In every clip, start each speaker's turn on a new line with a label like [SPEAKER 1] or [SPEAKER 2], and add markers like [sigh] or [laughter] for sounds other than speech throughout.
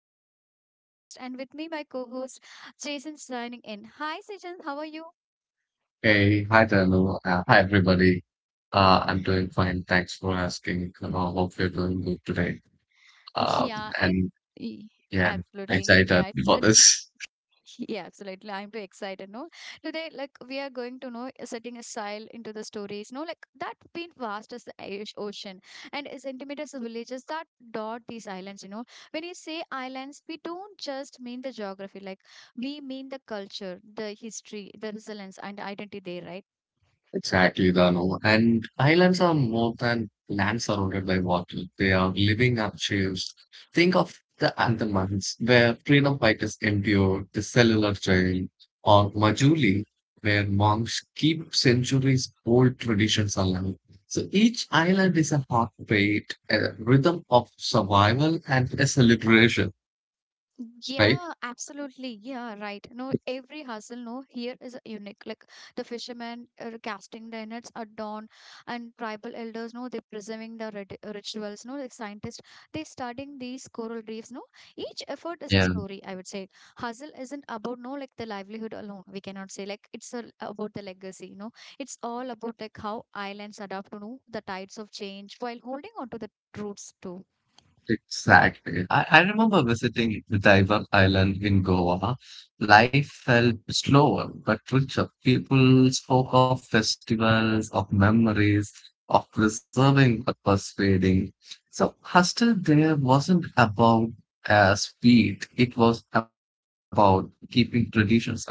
[SPEAKER 1] I'm Danu, your host, and with me my co-host Jason signing in. Hi Jason, how are you?
[SPEAKER 2] Hey, hi Danu. Hi everybody. I'm doing fine. Thanks for asking. I hope you're doing good today. Um,
[SPEAKER 1] Yeah, and
[SPEAKER 2] and
[SPEAKER 1] y-
[SPEAKER 2] yeah,
[SPEAKER 1] absolutely.
[SPEAKER 2] excited
[SPEAKER 1] Yeah, it's
[SPEAKER 2] for this.
[SPEAKER 1] [laughs] Yeah, absolutely. I'm too excited. No, today, like we are going to know setting a style into the stories. No, like that been vast as the Irish ocean and as intimate as the villages that dot these islands. You know, when you say islands, we don't just mean the geography. Like we mean the culture, the history, the resilience, and identity there, right?
[SPEAKER 2] Exactly, Dano. And islands are more than land surrounded by water. They are living archives. Think of the Andamans, where freedom fighters endured the cellular jail, or Majuli, where monks keep centuries old traditions alive. So each island is a heartbeat, a rhythm of survival, and a celebration, right?
[SPEAKER 1] Yeah, absolutely. Yeah, right. No, every hustle, no, here is unique. Like the fishermen are casting their nets at dawn, and tribal elders, no, they're preserving the rituals. No, like scientists, they're studying these coral reefs. No, each effort is a story. I would say hustle isn't about no like the livelihood alone. We cannot say like about the legacy. No, it's all about like how islands adapt to no, the tides of change while holding on to the roots too.
[SPEAKER 2] Exactly. I remember visiting Daiva Island in Goa. Life felt slower but richer. People spoke of festivals, of memories, of preserving but persuading. So, hostel there wasn't about speed, it was about keeping traditions alive.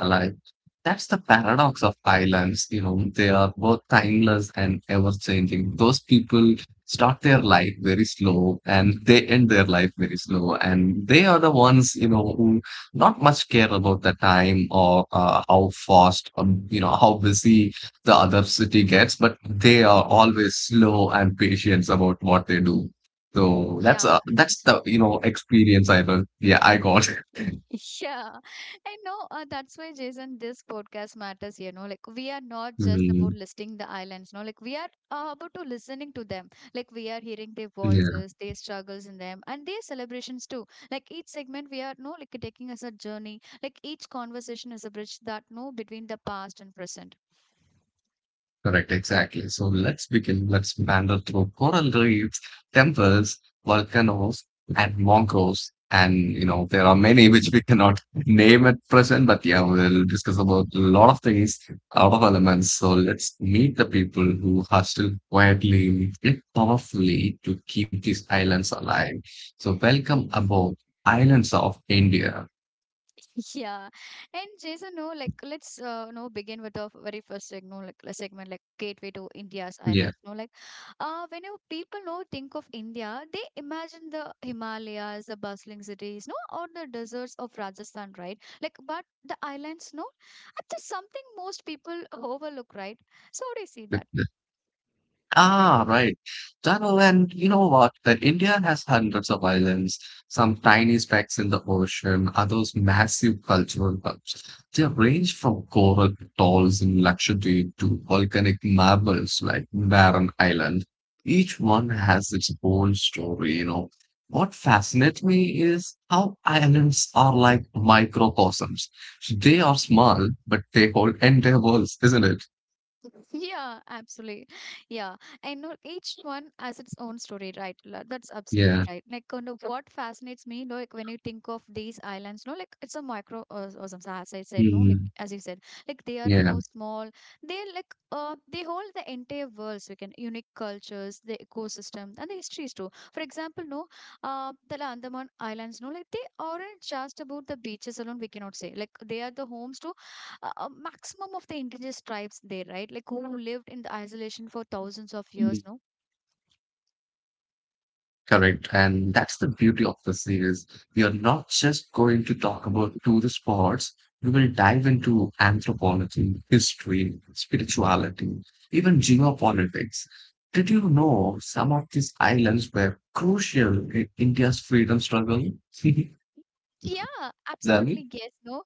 [SPEAKER 2] That's the paradox of islands, you know, they are both timeless and ever changing. Those people start their life very slow and they end their life very slow. And they are the ones, you know, who not much care about the time or how fast, you know, how busy the other city gets, but they are always slow and patient about what they do. So that's
[SPEAKER 1] Yeah,
[SPEAKER 2] you know, experience yeah, I got.
[SPEAKER 1] [laughs] Yeah, I know. That's why, Jason, this podcast matters. You know, like we are not just
[SPEAKER 2] [laughs]
[SPEAKER 1] about listing the islands. No, like we are about to listening to them. Like we are hearing their
[SPEAKER 2] Mm,
[SPEAKER 1] voices, their struggles in them, and their celebrations too. Like each segment, we are no like taking us a journey. Like each conversation is a bridge that no between the past and present.
[SPEAKER 2] correct, exactly. So let's begin. Let's wander through coral reefs, temples, volcanoes, and volcanoes. And you know, there are many which we cannot name at present, but yeah, we'll discuss about a lot of things, a lot of elements. So let's meet the people who are still quietly yet powerfully to keep these islands alive. So welcome aboard Islands of India.
[SPEAKER 1] [laughs] Yeah. And Jason, no, like let's no begin with our very first segment, like a segment like Gateway to India's
[SPEAKER 2] Yeah.
[SPEAKER 1] Islands. No, like when you people know think of India, they imagine the Himalayas, the bustling cities, no, or the deserts of Rajasthan, right? Like but the islands, no, it's just something most people overlook, right? So how do you see that?
[SPEAKER 2] Ah, right. Tunnel, and you know what? That India has hundreds of islands, some tiny specks in the ocean, others massive cultural hubs. They range from coral atolls in Lakshadweep to volcanic marbles like Barren Island. Each one has its own story, you know. What fascinates me is how islands are like microcosms. So they are small, but they hold entire worlds, isn't it?
[SPEAKER 1] [laughs] Yeah, absolutely. Yeah. I know each one has its own story, right? That's absolutely
[SPEAKER 2] Yeah.
[SPEAKER 1] right. Like, kind of what fascinates me, like, when you think of these islands, no, like, it's a micro, or some, as I said, no, like,
[SPEAKER 2] Mm,
[SPEAKER 1] as you said, like, they are
[SPEAKER 2] yeah.
[SPEAKER 1] no small. They're like, they hold the entire world, so you can, unique cultures, the ecosystem, and the histories too. For example, no, the Andaman Islands, no, like, they aren't just about the beaches alone, we cannot say. Like, they are the homes to a maximum of the indigenous tribes there, right? Like who lived in the isolation for thousands of years, no?
[SPEAKER 2] Correct. And that's the beauty of the series. We are not just going to talk about tourist spots, we will dive into anthropology, history, spirituality, even geopolitics. Did you know some of these islands were crucial in India's freedom struggle?
[SPEAKER 1] Yeah,
[SPEAKER 2] [laughs] Then,
[SPEAKER 1] absolutely. Yes, no.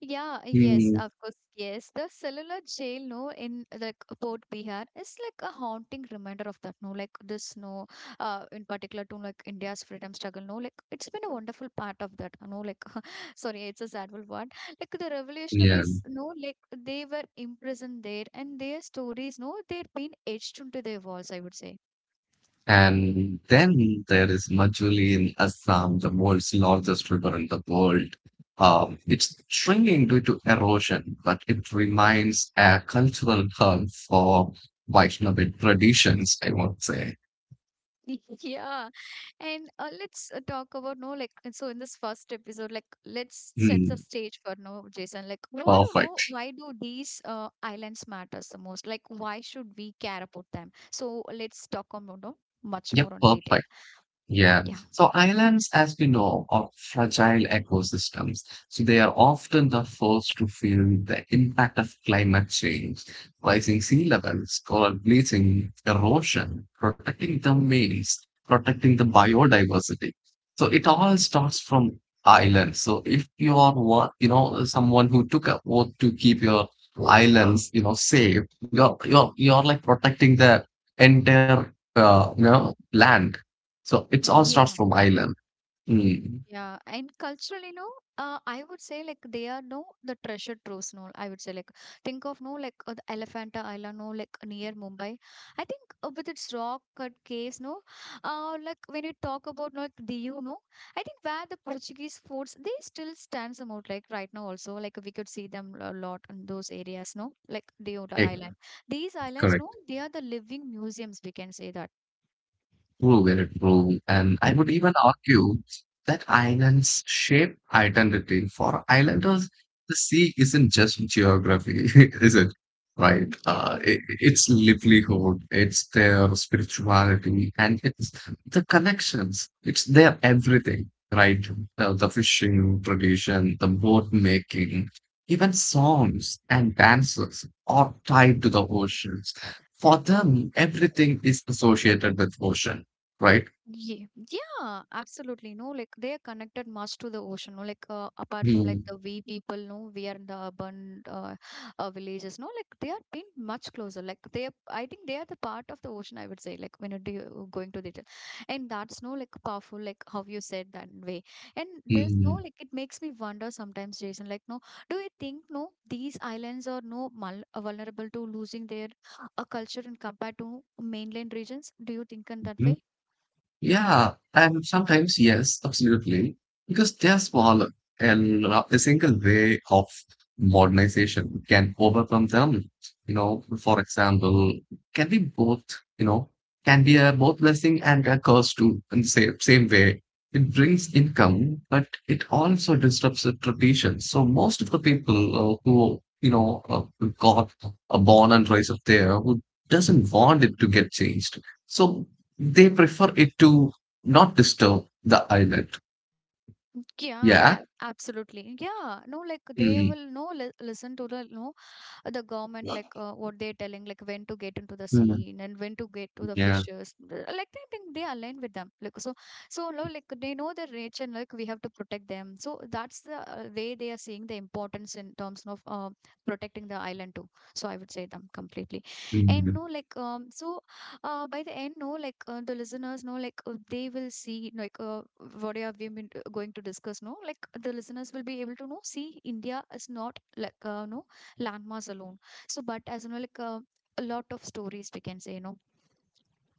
[SPEAKER 1] Yeah, yes,
[SPEAKER 2] mm,
[SPEAKER 1] of course. Yes, the cellular jail, no, in like Port Bihar is like a haunting reminder of that, no, like this, no, in particular to like India's freedom struggle, no, like it's been a wonderful part of that, no, like [laughs] sorry, it's a sad word, like the
[SPEAKER 2] yeah.
[SPEAKER 1] revolutionaries, no, like they were imprisoned there and their stories, no, they've been etched into their walls, I would say.
[SPEAKER 2] And then there is Majuli in Assam, the world's largest river in the world. It's shrinking due to erosion, but it remains a cultural hub for Vaishnavic traditions, I would say.
[SPEAKER 1] [laughs] Yeah, and let's talk about no like and so in this first episode, like let's set the
[SPEAKER 2] Hmm,
[SPEAKER 1] stage for no Jason. Like, what do you know?
[SPEAKER 2] perfect.
[SPEAKER 1] Why do these islands matters the most? Like, why should we care about them? So let's talk about no much
[SPEAKER 2] Yep,
[SPEAKER 1] more on detail.
[SPEAKER 2] perfect. Yeah.
[SPEAKER 1] Yeah,
[SPEAKER 2] So islands, as we know, are fragile ecosystems. So they are often the first to feel the impact of climate change, rising sea levels, coral bleaching, erosion, protecting the means, protecting the biodiversity. So it all starts from islands. So if you are one, you know, someone who took a oath to keep your islands, you know, safe, you're like protecting the entire you know, land, so it's all starts
[SPEAKER 1] yeah.
[SPEAKER 2] from island. Mm.
[SPEAKER 1] Yeah, and culturally, no, I would say like they are no the treasure troves. No, I would say like think of no like the Elephanta Island, no like near Mumbai. I think with its rock cut caves, no, like when you talk about no, like Diu, no, I think where the Portuguese forts they still stands them out like right now also like we could see them a lot in those areas, no, like Diu the
[SPEAKER 2] Right,
[SPEAKER 1] Island. These islands, no,
[SPEAKER 2] correct.
[SPEAKER 1] they are the living museums. We can say that.
[SPEAKER 2] True, very true. And I would even argue that islands shape identity. For islanders, the sea isn't just geography, [laughs] is it? Right? Uh,
[SPEAKER 1] Yeah.
[SPEAKER 2] it, it's livelihood, it's their spirituality, and it's the connections. It's their everything, right? The fishing tradition, the boat making, even songs and dances are tied to the oceans. For them, everything is associated with ocean, right?
[SPEAKER 1] Ye yeah, absolutely. No, like they are connected much to the ocean. No, like apart from like the we people, no, we are in the urban villages. No, like they are being much closer. Like they are, I think they are the part of the ocean. I would say, like when you're going to and that's no like powerful. Like how you said that way, and this no
[SPEAKER 2] Mm-hmm.
[SPEAKER 1] like it makes me wonder sometimes, Jason. Like no, do you think no these islands are no vulnerable to losing their culture and compared to mainland regions? Do you think in that way?
[SPEAKER 2] Yeah, and sometimes yes, absolutely, because they are smaller, and a single way of modernization can overcome them. You know, for example, can be both. You know, can be a both blessing and a curse too. In the same way, it brings income, but it also disrupts the tradition. So most of the people who you know who got born and raised up there who doesn't want it to get changed. So they prefer it to not disturb the island. Yeah.
[SPEAKER 1] Yeah, I, absolutely. Yeah, no, like
[SPEAKER 2] Mm.
[SPEAKER 1] they will no li listen to the no the government like what they're telling like when to get into the
[SPEAKER 2] Mm,
[SPEAKER 1] sea and when to get to the
[SPEAKER 2] yeah.
[SPEAKER 1] like they think they align with them like so so now like they know their nature and like we have to protect them, so that's the way they are seeing the importance in terms of protecting the island too, so I would say them completely and
[SPEAKER 2] Mm.
[SPEAKER 1] no like so by the end no like the listeners know like they will see like what have we been going to discuss no like the listeners will be able to know see India is not like no landmass alone. So, but as you know, like a lot of stories we can say, you know.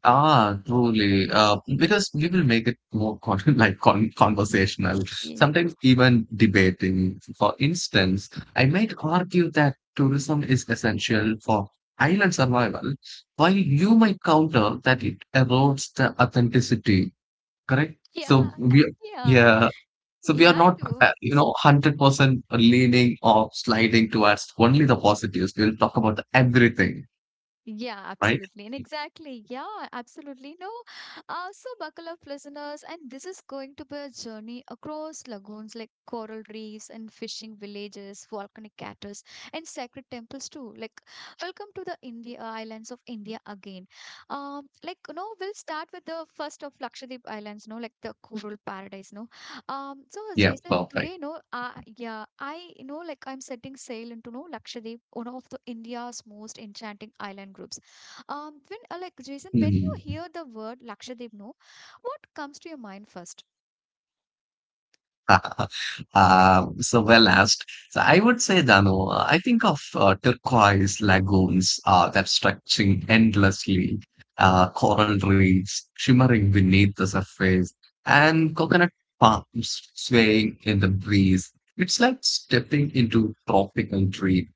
[SPEAKER 2] Ah, truly. Because we will make it more con [laughs] like con conversational,
[SPEAKER 1] Y-
[SPEAKER 2] sometimes even debating. For instance, I might argue that tourism is essential for island survival, while you might counter that it erodes the authenticity. Correct?
[SPEAKER 1] Yeah,
[SPEAKER 2] So we,
[SPEAKER 1] yeah,
[SPEAKER 2] yeah. So we
[SPEAKER 1] yeah,
[SPEAKER 2] are
[SPEAKER 1] I
[SPEAKER 2] not,
[SPEAKER 1] do.
[SPEAKER 2] you know, 100% leaning or sliding towards only the positives. We'll talk about the everything,
[SPEAKER 1] Yeah,
[SPEAKER 2] right?
[SPEAKER 1] absolutely. And exactly. Yeah, absolutely. No. So buckle up, listeners. And this is going to be a journey across lagoons like coral reefs and fishing villages, volcanic craters, and sacred temples too. Like, welcome to the India islands of India again. Like, you know, we'll start with the first of Lakshadweep Islands, no, like the coral paradise, no. So
[SPEAKER 2] Yeah,
[SPEAKER 1] Jason,
[SPEAKER 2] perfect.
[SPEAKER 1] today, no, yeah, I you know like I'm setting sail into no Lakshadweep, one of the India's most enchanting island groups. When like Jason, when you
[SPEAKER 2] Hmm.
[SPEAKER 1] hear the word Lakshadweep, no, what comes to your mind first?
[SPEAKER 2] [laughs] So well asked. So I would say, Dano, I think of turquoise lagoons that stretching endlessly, coral reefs shimmering beneath the surface, and coconut palms swaying in the breeze. It's like stepping into tropical dream.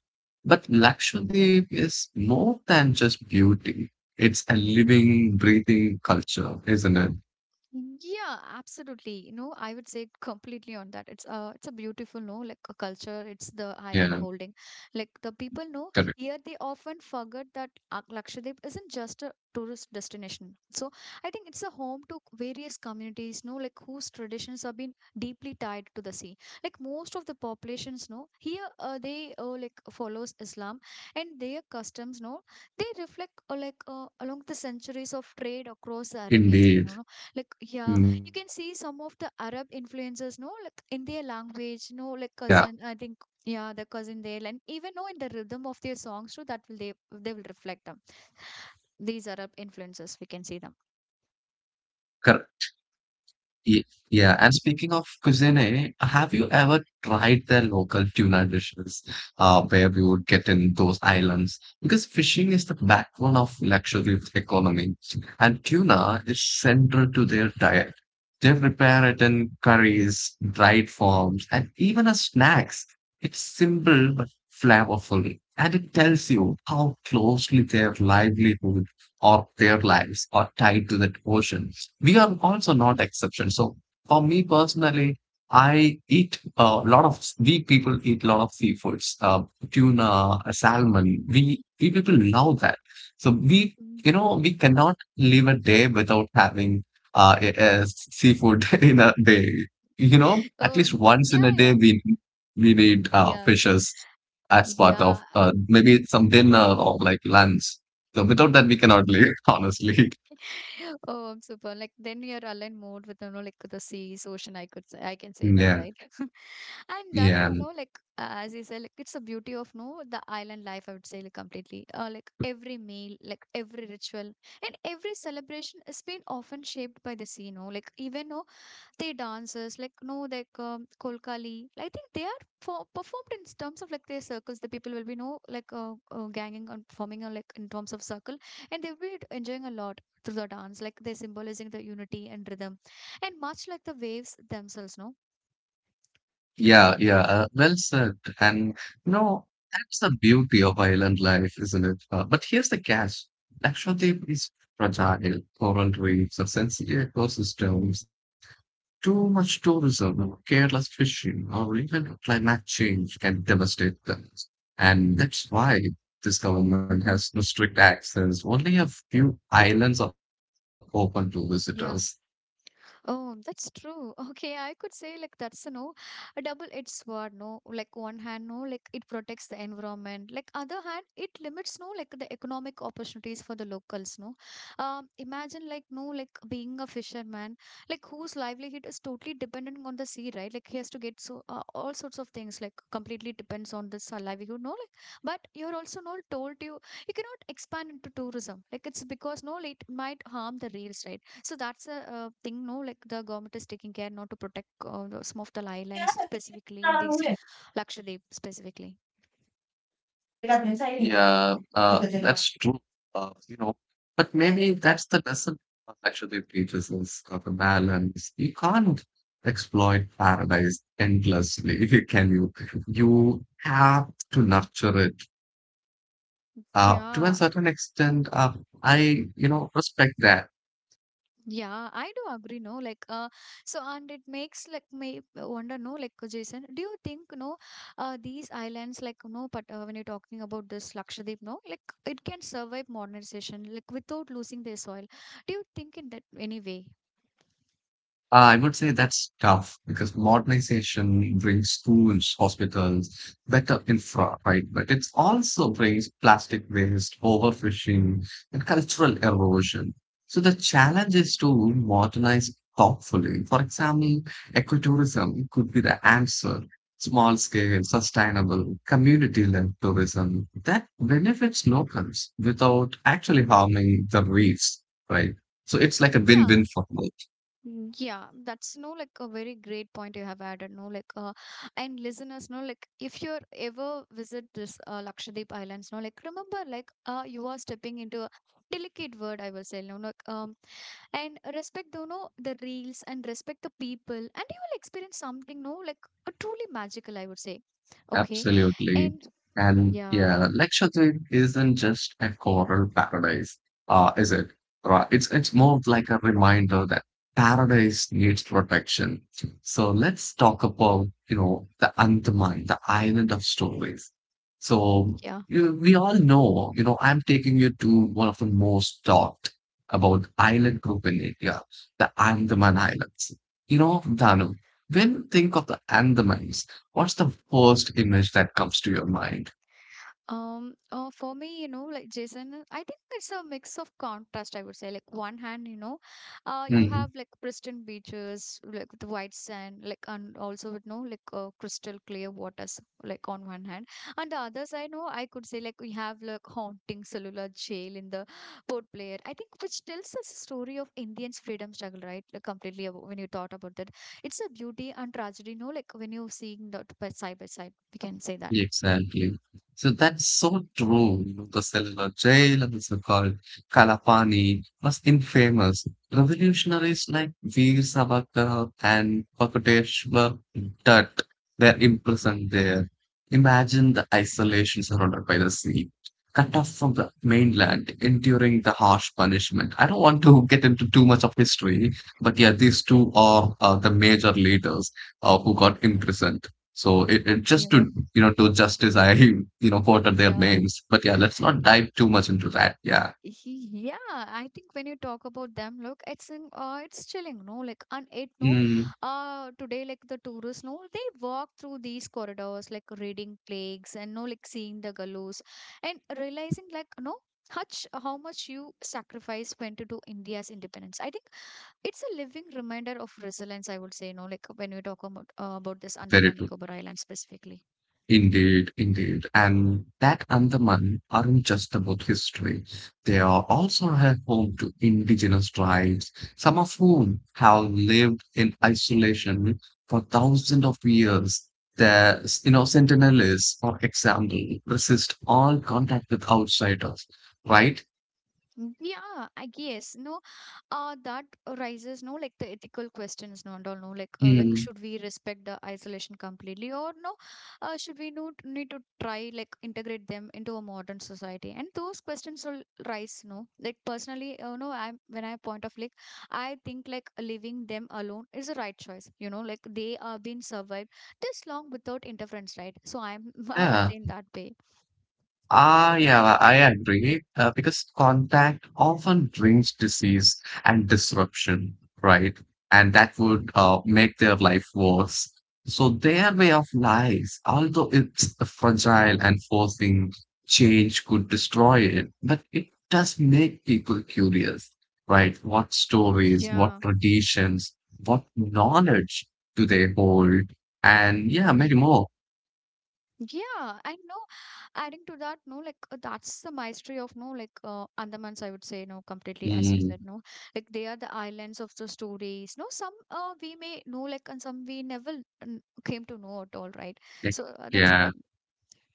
[SPEAKER 2] But Lakshadweep is more than just beauty. It's a living, breathing culture, isn't it?
[SPEAKER 1] Yeah, absolutely. You know, I would say completely on that. It's a beautiful, no, like a culture. It's the island
[SPEAKER 2] Yeah,
[SPEAKER 1] holding. Like the people know
[SPEAKER 2] correct.
[SPEAKER 1] here, they often forget that Lakshadweep isn't just a tourist destination. So I think it's a home to various communities, no, like whose traditions have been deeply tied to the sea. Like most of the populations, no, here they like follows Islam, and their customs, no, they reflect like along the
[SPEAKER 2] Indeed.
[SPEAKER 1] centuries of trade across the
[SPEAKER 2] Mm,
[SPEAKER 1] Arabian sea, you know.
[SPEAKER 2] yeah.
[SPEAKER 1] Like,
[SPEAKER 2] As you
[SPEAKER 1] yeah, you
[SPEAKER 2] said,
[SPEAKER 1] can see some of the Arab influences, no, like in their language, no,
[SPEAKER 2] yeah,
[SPEAKER 1] like
[SPEAKER 2] yeah.
[SPEAKER 1] cousin, I think, yeah, the cousin there, and even no, in the rhythm of their songs too, that will they will reflect them. These Arab influences, we can see them.
[SPEAKER 2] Cor- Ye- Yeah, and speaking of cuisine, have you ever tried their local tuna dishes where we would get in those islands? Because fishing is the backbone of luxury economy, and tuna is central to their diet. They prepare it in curries, dried forms, and even as snacks. It's simple but flavorful, and it tells you how closely their livelihood or their lives are tied to that ocean. We are also not
[SPEAKER 1] [laughs]
[SPEAKER 2] exception. So for me personally, I eat a lot of we people eat a lot of seafoods, tuna, salmon. We people love that. So we,
[SPEAKER 1] Mm.
[SPEAKER 2] you know, we cannot live a day without having uh, a- a seafood [laughs] in a day. You know, at
[SPEAKER 1] Oh,
[SPEAKER 2] least once in a
[SPEAKER 1] yeah,
[SPEAKER 2] day
[SPEAKER 1] yeah,
[SPEAKER 2] we need
[SPEAKER 1] yeah,
[SPEAKER 2] fishes as part of
[SPEAKER 1] yeah.
[SPEAKER 2] maybe some dinner or like lunch. So without that, we cannot live, [laughs] honestly.
[SPEAKER 1] [laughs] Oh, I'm super. Like then you're aligned more with you know like the sea, ocean. I could say I can say
[SPEAKER 2] Yeah,
[SPEAKER 1] that, right? [laughs] And
[SPEAKER 2] yeah,
[SPEAKER 1] that's you know like as you said, like it's the beauty of no the island life. I would say like completely. Like every meal, like every ritual, and every celebration has been often shaped by the sea. No, like even no they dances like no like kolkali, I think they are performed in terms of like their circles, the people will be no like ganging and like in terms of circle, and they'll be enjoying a lot through the dance like they're symbolizing the unity and rhythm and much like the waves themselves, no.
[SPEAKER 2] yeah. Well said. And no, that's the beauty of island life, isn't it? But here's the catch: Lakshadweep is fragile, coral reefs, or sensitive ecosystems, too much tourism, or careless fishing, or even climate change can devastate them. And that's why this government has no strict access. Only a few islands are open to visitors.
[SPEAKER 1] Yeah. Oh, that's true. [laughs] Okay, I could say like that's a no, a double-edged sword. No, like one hand, no, like it protects the environment. Like other hand, it limits no, like the economic opportunities for the locals. No, imagine like no, like being a fisherman, like whose livelihood is totally dependent on the sea, right? Like he has to get so all sorts of things. Like completely depends on this livelihood. No, like but you're also not told you cannot expand into tourism. Like it's because no, like, it might harm the reels, right? So that's a thing, no, like the government is taking care not to protect some of the islands specifically in these Lakshadweep specifically.
[SPEAKER 2] Yeah, that's true. You know, but maybe that's the lesson God actually teaches us of a balance. You can't exploit paradise endlessly, if you can you? You have to nurture it. To a certain extent,
[SPEAKER 1] Yeah,
[SPEAKER 2] I, you know, respect that.
[SPEAKER 1] yeah, I do agree, no, like, so and it makes like me wonder, no, like Jason, do you think, no, these islands, like, no, but when you're talking about this Lakshadweep, no, like it can survive modernization, like without losing their soil. Do you think in that any way?
[SPEAKER 2] I would say that's tough because modernization brings schools, hospitals, better infra, right? But it also brings plastic waste, overfishing, and cultural erosion. So the challenge is to modernize thoughtfully. For example, ecotourism could be the answer. Small scale, sustainable, community led tourism that benefits locals without actually harming the reefs, right? So it's like a win
[SPEAKER 1] Yeah.
[SPEAKER 2] win for both.
[SPEAKER 1] Mm, yeah, that's no like a very great point you have added. And listeners, no, like if you're ever visit this Lakshadweep Islands, no, like remember, like you are stepping into a delicate word, I will say, no, like and respect, you know, the reels and respect the people, and you will experience something, no, like truly magical, I would say. Okay,
[SPEAKER 2] Absolutely.
[SPEAKER 1] and
[SPEAKER 2] And
[SPEAKER 1] yeah,
[SPEAKER 2] yeah, Lakshadweep isn't just a coral paradise, is it? Right. It's
[SPEAKER 1] yeah,
[SPEAKER 2] more of like a reminder that paradise needs protection. So let's talk about, you know, the Andaman, the island of stories. So
[SPEAKER 1] yeah.
[SPEAKER 2] we all know, you know, I'm taking you to one of the most talked about island group in India, the Andaman Islands. You know, Danu, when you think of the Andamans, what's the first image that comes to your mind?
[SPEAKER 1] For me, you know, like Jason, I think it's a mix of contrast, I would say. Like one hand, you know, you have like pristine beaches, like the white sand, like and also you know, like crystal clear waters, like on one hand, and the other side, no, I could say like we have like haunting cellular jail in the Port Blair. I think which tells us a story of Indians' freedom struggle, right? Like completely about, when you thought about that, it's a beauty and tragedy, no, like when you're seeing that by side, we can say that.
[SPEAKER 2] Exactly. So that's so true. You know, the cellular jail and the so-called Kalapani was infamous. Revolutionaries like Veer Savarkar and Bakuteshwar Dutt were imprisoned there. Imagine the isolation surrounded by the sea, cut off from the mainland, enduring the harsh punishment. I don't want to get into too much of history, but yeah, these two are the major leaders who got imprisoned. So it
[SPEAKER 1] Yeah,
[SPEAKER 2] just
[SPEAKER 1] yeah.
[SPEAKER 2] to you know to justice I [laughs] you know quoted their
[SPEAKER 1] Yeah.
[SPEAKER 2] names, but yeah, let's not dive too much into that. Yeah,
[SPEAKER 1] Yeah, I think when you talk about them, look, it's in, it's chilling, no? Like, and it, no,
[SPEAKER 2] mm,
[SPEAKER 1] today, like the tourists, no, they walk through these corridors, like reading plagues and no, like seeing the gallows and realizing, like, no, Hutch, how much you sacrifice went to do India's independence. I think it's a living reminder of resilience, I would say, no, like when we talk about this
[SPEAKER 2] very
[SPEAKER 1] Andaman
[SPEAKER 2] true.
[SPEAKER 1] Nicobar Island specifically.
[SPEAKER 2] Indeed, indeed. And that Andaman aren't just about history. They are also a home to indigenous tribes, some of whom have lived in isolation for thousands of years. The you know Sentinelese, for example, resist all contact with outsiders, right?
[SPEAKER 1] Mm, yeah, I guess, no, that raises no like the ethical questions no and all no like like
[SPEAKER 2] Mm.
[SPEAKER 1] should we respect the isolation completely or no should we no, need to try like integrate them into a modern society and those questions will rise no like personally you know I point of like I think like leaving them alone is a right choice you know like they are being survived this long without interference right so I'm [laughs] I was
[SPEAKER 2] Yeah,
[SPEAKER 1] in that way.
[SPEAKER 2] ah, yeah, I agree. Because contact often brings disease and disruption, right? And that would make their life worse. So their way of life, although it's fragile and forcing change could destroy it, but it does make people curious, right? What stories, what
[SPEAKER 1] Yeah.
[SPEAKER 2] traditions, what knowledge do they hold? And yeah, many more.
[SPEAKER 1] Yeah, I know. Adding to that, no, like that's the maestry of no, like Andamans, I would say, no, completely as you
[SPEAKER 2] Mm,
[SPEAKER 1] said, no, like they are the islands of the stories. No, some we may know, like, and some we never came to know at all, right? So that's the
[SPEAKER 2] yeah.
[SPEAKER 1] thing.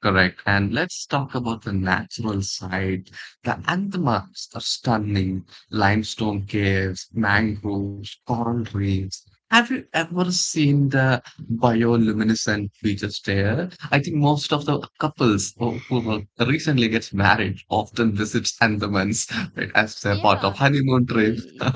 [SPEAKER 2] Correct. And let's talk about the natural side. The Andamans are stunning. Limestone caves, mangroves, coral reefs. Have you ever seen the bioluminescent features there? I think most of
[SPEAKER 1] Mm,
[SPEAKER 2] the couples who recently gets married often visits Andamans, right, [laughs] as a part of
[SPEAKER 1] yeah.
[SPEAKER 2] honeymoon trip.
[SPEAKER 1] Y-
[SPEAKER 2] [laughs]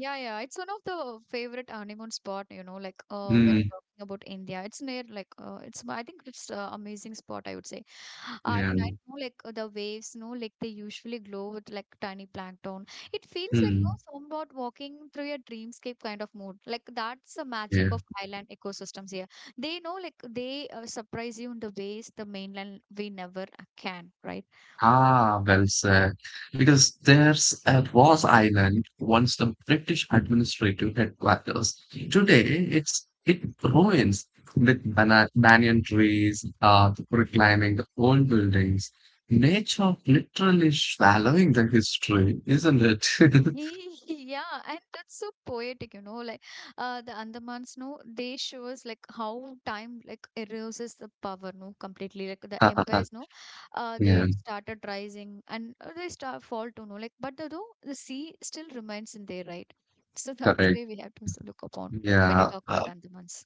[SPEAKER 1] Yeah, yeah, it's one of the favorite honeymoon spot, you know, like when
[SPEAKER 2] Mm,
[SPEAKER 1] you're talking about India, it's near like it's I think it's amazing spot, I would say. [gasps] At
[SPEAKER 2] yeah.
[SPEAKER 1] night, no, like the waves, no, like they usually glow with like tiny plankton. It feels like no,
[SPEAKER 2] Mm,
[SPEAKER 1] somewhat walking through a dreamscape kind of mood. Like that's the
[SPEAKER 2] yeah.
[SPEAKER 1] magic of island ecosystems here. They know, like they surprise you in the ways the mainland we never can, right?
[SPEAKER 2] Ah, well said. Because there's a was island, once the British administrative headquarters. Today, it ruins with bana banyan trees, reclining the old buildings. Nature literally swallowing the history, isn't it? [laughs]
[SPEAKER 1] [laughs] Yeah, and that's so poetic, you know, like the Andamans, no, they shows like how time like erases the power, no, completely. Like the empires, no,
[SPEAKER 2] Yeah,
[SPEAKER 1] they started rising and they start fall to no, like but the though the sea still remains in there, right? So [laughs] that's
[SPEAKER 2] correct.
[SPEAKER 1] where we have to look upon, like when you
[SPEAKER 2] Yeah.
[SPEAKER 1] talk about Andamans.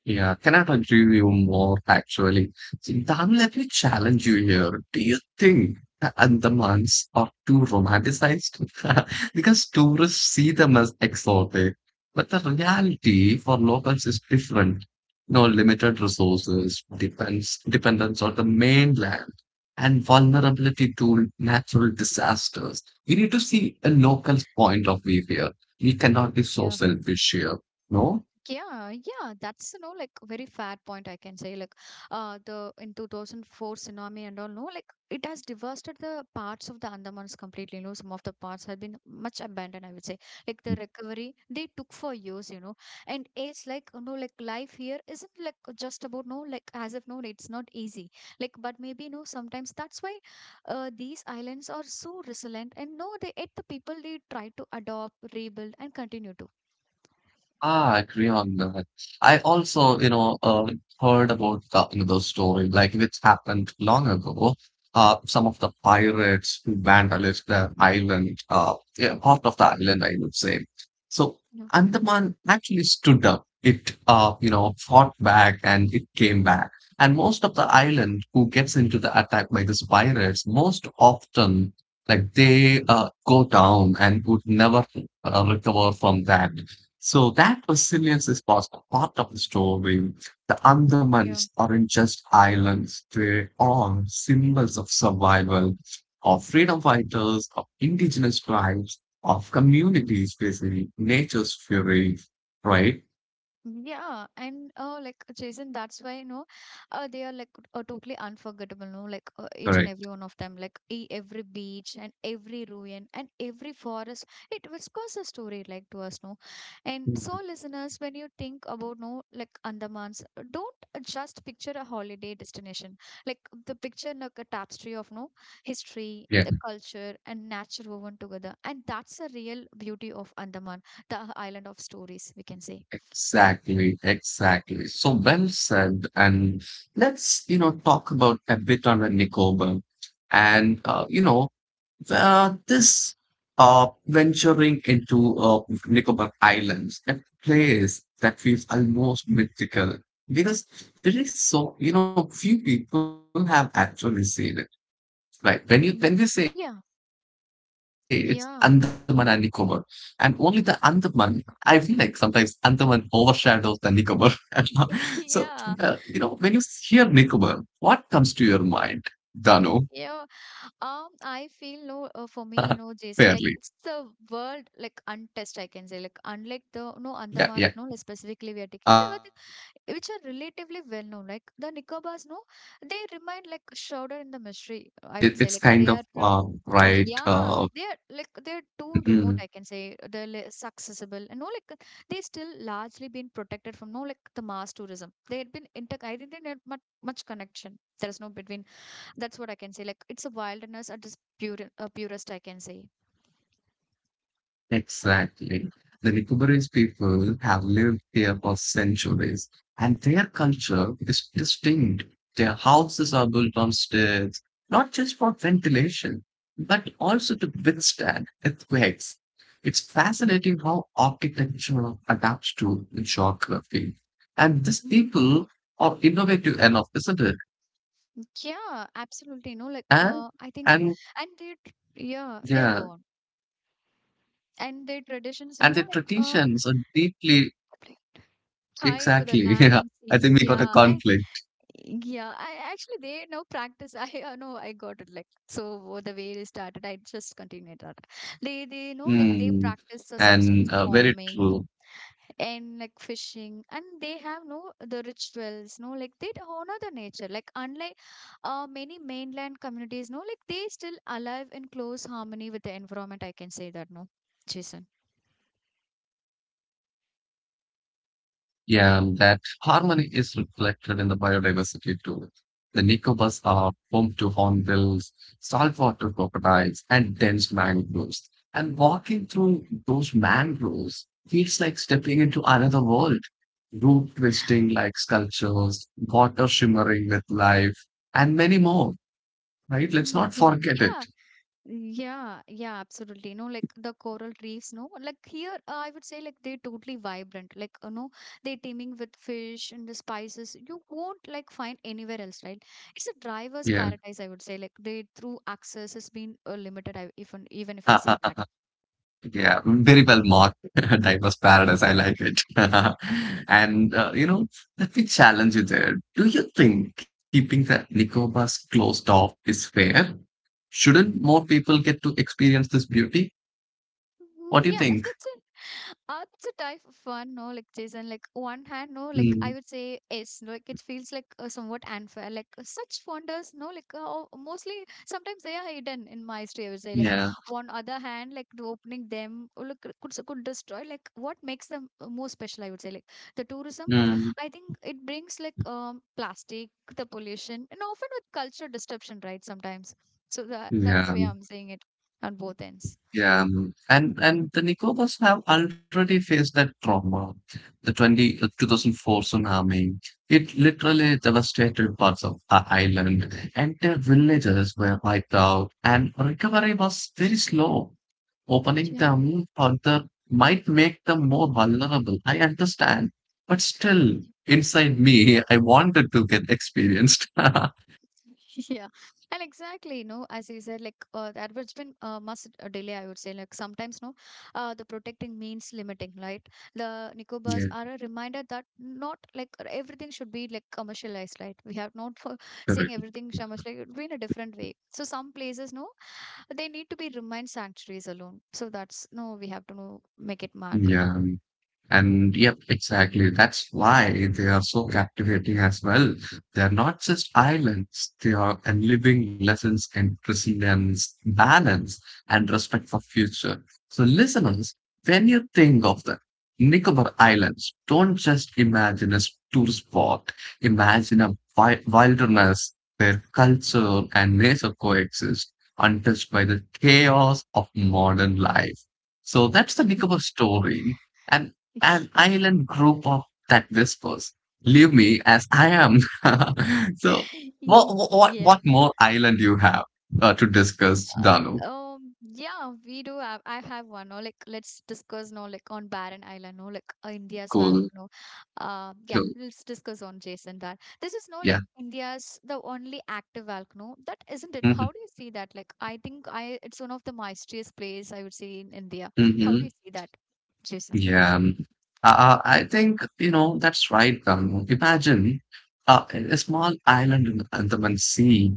[SPEAKER 2] Yeah, cannot agree with you more actually. See, Dan, let me challenge you here. Do you think the Andamans are too romanticized? [laughs] Because tourists see them as exotic, but the reality for locals is different. No limited resources, depends dependence on the mainland, and vulnerability to natural disasters. We need to see a local's point of view here. We cannot be so
[SPEAKER 1] Yeah.
[SPEAKER 2] selfish here. No?
[SPEAKER 1] Yeah, yeah, that's you know like very fair point I can say like the in 2004 tsunami and all no like it has devastated the parts of the Andamans completely you know some of the parts have been much abandoned I would say like the recovery they took for years you know and it's like you know like life here isn't like just about no like as if no it's not easy like but maybe no sometimes that's why these islands are so resilient and no they yet the people they try to adopt rebuild and continue to.
[SPEAKER 2] Ah, I agree on that. I also, heard about the, the story, like which happened long ago. Some of the pirates who vandalized the island, yeah, part of the island, I would say. So
[SPEAKER 1] Yeah.
[SPEAKER 2] Andaman actually stood up. It, you know, fought back and it came back. And most of the island who gets into the attack by these pirates, most often, like they go down and would never recover from that. So that resilience is possible. Part of the story. The
[SPEAKER 1] Yeah.
[SPEAKER 2] Andamans aren't just islands; they are symbols of survival, of freedom fighters, of indigenous tribes, of communities facing nature's fury. Right?
[SPEAKER 1] Yeah, and like Jason, that's why you know, they are like totally unforgettable. No, like each and
[SPEAKER 2] Correct.
[SPEAKER 1] every one of them, like e every beach and every ruin and every forest, it whispers a story like to us. No, and so
[SPEAKER 2] Mm.
[SPEAKER 1] listeners, when you think about no, like Andamans, don't just picture a holiday destination. Like the picture like a tapestry of no history,
[SPEAKER 2] Yeah,
[SPEAKER 1] the culture, and nature woven together, and that's the real beauty of Andaman the island of stories, we can say.
[SPEAKER 2] exactly, exactly. So well said. And let's talk about a bit on the Nicobar. And, this venturing into Nicobar Islands, a place that feels almost mythical because there is so, you know, few people have actually seen it. Right, when you when we say it's
[SPEAKER 1] Mm,
[SPEAKER 2] Andaman and
[SPEAKER 1] yeah,
[SPEAKER 2] Nicobar, and only the
[SPEAKER 1] yeah,
[SPEAKER 2] Andaman, I feel like sometimes Andaman overshadows the Nicobar. [laughs] So you know when you hear
[SPEAKER 1] [laughs]
[SPEAKER 2] Nicobar,
[SPEAKER 1] yeah,
[SPEAKER 2] what comes to your mind, Dano?
[SPEAKER 1] eh, yeah.
[SPEAKER 2] [laughs]
[SPEAKER 1] I feel
[SPEAKER 2] Fairly,
[SPEAKER 1] no, for me, you know, Jason, like it's the world like untouched, I can say,
[SPEAKER 2] yeah,
[SPEAKER 1] like
[SPEAKER 2] yeah.
[SPEAKER 1] unlike the no Andamans, no, like,
[SPEAKER 2] Um,
[SPEAKER 1] specifically we are
[SPEAKER 2] I
[SPEAKER 1] taking,
[SPEAKER 2] think it's a word of
[SPEAKER 1] which are
[SPEAKER 2] untouched,
[SPEAKER 1] relatively well
[SPEAKER 2] right?
[SPEAKER 1] known, like the
[SPEAKER 2] Um,
[SPEAKER 1] Nicobars, no,
[SPEAKER 2] it's
[SPEAKER 1] they
[SPEAKER 2] kind of
[SPEAKER 1] remain like shrouded in the
[SPEAKER 2] right.
[SPEAKER 1] mystery. I would say, like they are.
[SPEAKER 2] Mm-hmm.
[SPEAKER 1] Yeah, they are like they're too remote, I can say. They're less accessible, and no, like they still largely been protected from no, like the mass tourism. They had been inter. I didn't have much much connection. There is no between that's what I can say. Like it's a wilderness at its pure, purest, I can say.
[SPEAKER 2] Exactly. The Nicobarese people have lived here for centuries, and their culture is distinct. Their houses are built on stilts, not just for ventilation, but also to withstand earthquakes. It's fascinating how architecture adapts to geography. And these
[SPEAKER 1] Mm,
[SPEAKER 2] people are innovative enough, isn't it?
[SPEAKER 1] yeah, absolutely. You know, like
[SPEAKER 2] And, and
[SPEAKER 1] and they, yeah, yeah,
[SPEAKER 2] yeah,
[SPEAKER 1] go on. And their traditions, you
[SPEAKER 2] and
[SPEAKER 1] know,
[SPEAKER 2] their
[SPEAKER 1] like
[SPEAKER 2] traditions are deeply
[SPEAKER 1] tied to the
[SPEAKER 2] Exactly. [laughs]
[SPEAKER 1] land
[SPEAKER 2] Yeah.
[SPEAKER 1] and
[SPEAKER 2] I
[SPEAKER 1] sea.
[SPEAKER 2] think we got a
[SPEAKER 1] Yeah, and
[SPEAKER 2] conflict.
[SPEAKER 1] yeah, I actually they now practice. [laughs] I know I got it. Like so, what the way it started, I just continued that. They know like they
[SPEAKER 2] Mm.
[SPEAKER 1] practice the substance
[SPEAKER 2] And very
[SPEAKER 1] forming
[SPEAKER 2] true.
[SPEAKER 1] and like fishing and they have no the rituals no like they honor the nature like unlike many mainland communities no like they still alive in close harmony with the environment I can say that no Jason.
[SPEAKER 2] Yeah, that harmony is reflected in the biodiversity too. The Nicobas are home to hornbills, saltwater crocodiles, and dense mangroves. And walking through those mangroves feels like stepping into another world. Root twisting like sculptures, water shimmering with life, and many more, right? Let's not forget it.
[SPEAKER 1] Yeah, yeah, yeah, absolutely. No, like the coral reefs, no, like here, I would say like they're totally vibrant. Like, you know, they're teeming with fish and the spices you won't like find anywhere else, right? It's a driver's
[SPEAKER 2] Yeah.
[SPEAKER 1] paradise, I would say. Like, they through access has been limited, even even if you say
[SPEAKER 2] [laughs]
[SPEAKER 1] that.
[SPEAKER 2] Yeah, very well marked. [laughs] Diverse paradise. I like it. [laughs] And you know, let me challenge you there. Do you think keeping the Nicobas closed off is fair? Shouldn't more people get to experience this beauty? What
[SPEAKER 1] Mm,
[SPEAKER 2] do you
[SPEAKER 1] yeah,
[SPEAKER 2] think?
[SPEAKER 1] that's it. It's a type of fun, no, like Jason, like one hand, no, like I
[SPEAKER 2] Mm,
[SPEAKER 1] would say yes, no, like it feels like somewhat unfair, like such wonders, no, like mostly sometimes they are hidden in my history, I would say, like
[SPEAKER 2] yeah.
[SPEAKER 1] on other hand, like the opening them, could destroy, like what makes them more special, I would say, like the tourism,
[SPEAKER 2] Mm,
[SPEAKER 1] I think it brings like plastic, the pollution, and often with cultural disruption, right, sometimes. So that's the
[SPEAKER 2] yeah.
[SPEAKER 1] way I'm saying it on both ends.
[SPEAKER 2] Yeah, mm. And the Nicobas have already faced that trauma. The 2004 tsunami, it literally devastated parts of the island. Entire villages were wiped out, and recovery was very slow. Opening
[SPEAKER 1] Yeah.
[SPEAKER 2] them further might make them more vulnerable. I understand, but still, inside me, I wanted to get experienced. [laughs]
[SPEAKER 1] [laughs] Yeah, and exactly, no, as you said, like the advertisement must delay, I would say. Like sometimes, no, the protecting means limiting, right? The Nicobars
[SPEAKER 2] Yeah,
[SPEAKER 1] are a reminder that not like everything should be like commercialized, right? We have not for [laughs] saying
[SPEAKER 2] correct.
[SPEAKER 1] everything commercialized, it would be in a different way. So some places, no, they need to be remain sanctuaries alone. So that's no, we have to no, make it mark.
[SPEAKER 2] Yeah. And yep, exactly. That's why they are so captivating as well. They are not just islands, they are a living lessons in resilience, balance, and respect for future. So listeners, when you think of the Nicobar Islands, don't just imagine a tourist spot. Imagine a wilderness where culture and nature coexist, untouched by the chaos of modern life. So that's the Nicobar story. And an
[SPEAKER 1] [laughs]
[SPEAKER 2] island group of that whispers, "Leave me as I am." [laughs] So, what what
[SPEAKER 1] Yeah.
[SPEAKER 2] what more island you have to discuss, Danu?
[SPEAKER 1] Yeah, we do have. I have one. No, like let's discuss. No, like on Barren Island. No, like India's
[SPEAKER 2] Cool,
[SPEAKER 1] volcano. Yeah,
[SPEAKER 2] cool,
[SPEAKER 1] let's discuss on Jason that this is no like
[SPEAKER 2] yeah.
[SPEAKER 1] India's the only active volcano that isn't it. How
[SPEAKER 2] Hmm.
[SPEAKER 1] do you see that? Like I think I it's one of the mysterious place I would say in India. How do
[SPEAKER 2] Hmm.
[SPEAKER 1] you see that, Jason?
[SPEAKER 2] Yeah, I think you know that's right. Imagine a small island in the Andaman Sea,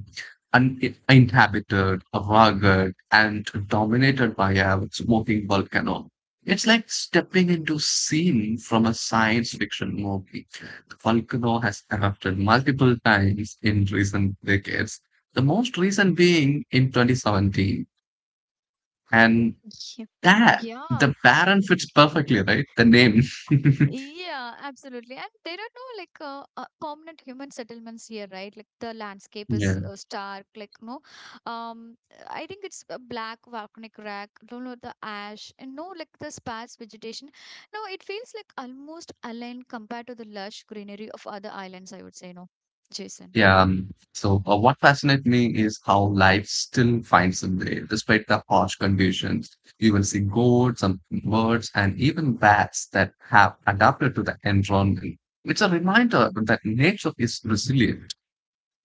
[SPEAKER 2] un- inhabited, rugged, and dominated by a smoking volcano. It's like stepping into scene from a science fiction movie. The volcano has erupted multiple times in recent decades. The most recent being in 2017, and
[SPEAKER 1] Yeah,
[SPEAKER 2] that
[SPEAKER 1] yeah,
[SPEAKER 2] the Baron fits perfectly, right? The name. [laughs]
[SPEAKER 1] yeah, absolutely. And there are no like permanent human settlements here, right? Like the landscape is
[SPEAKER 2] Yeah.
[SPEAKER 1] stark, like no, um, I think it's a black volcanic rack. Don't know the ash and no like the sparse vegetation. No, it feels like almost aligned compared to the lush greenery of other islands. I would say no, Jason.
[SPEAKER 2] Yeah. So, what fascinates me is how life still finds a way, despite the harsh conditions. You will see goats, some birds, and even bats that have adapted to the environment. It's a reminder that nature is resilient.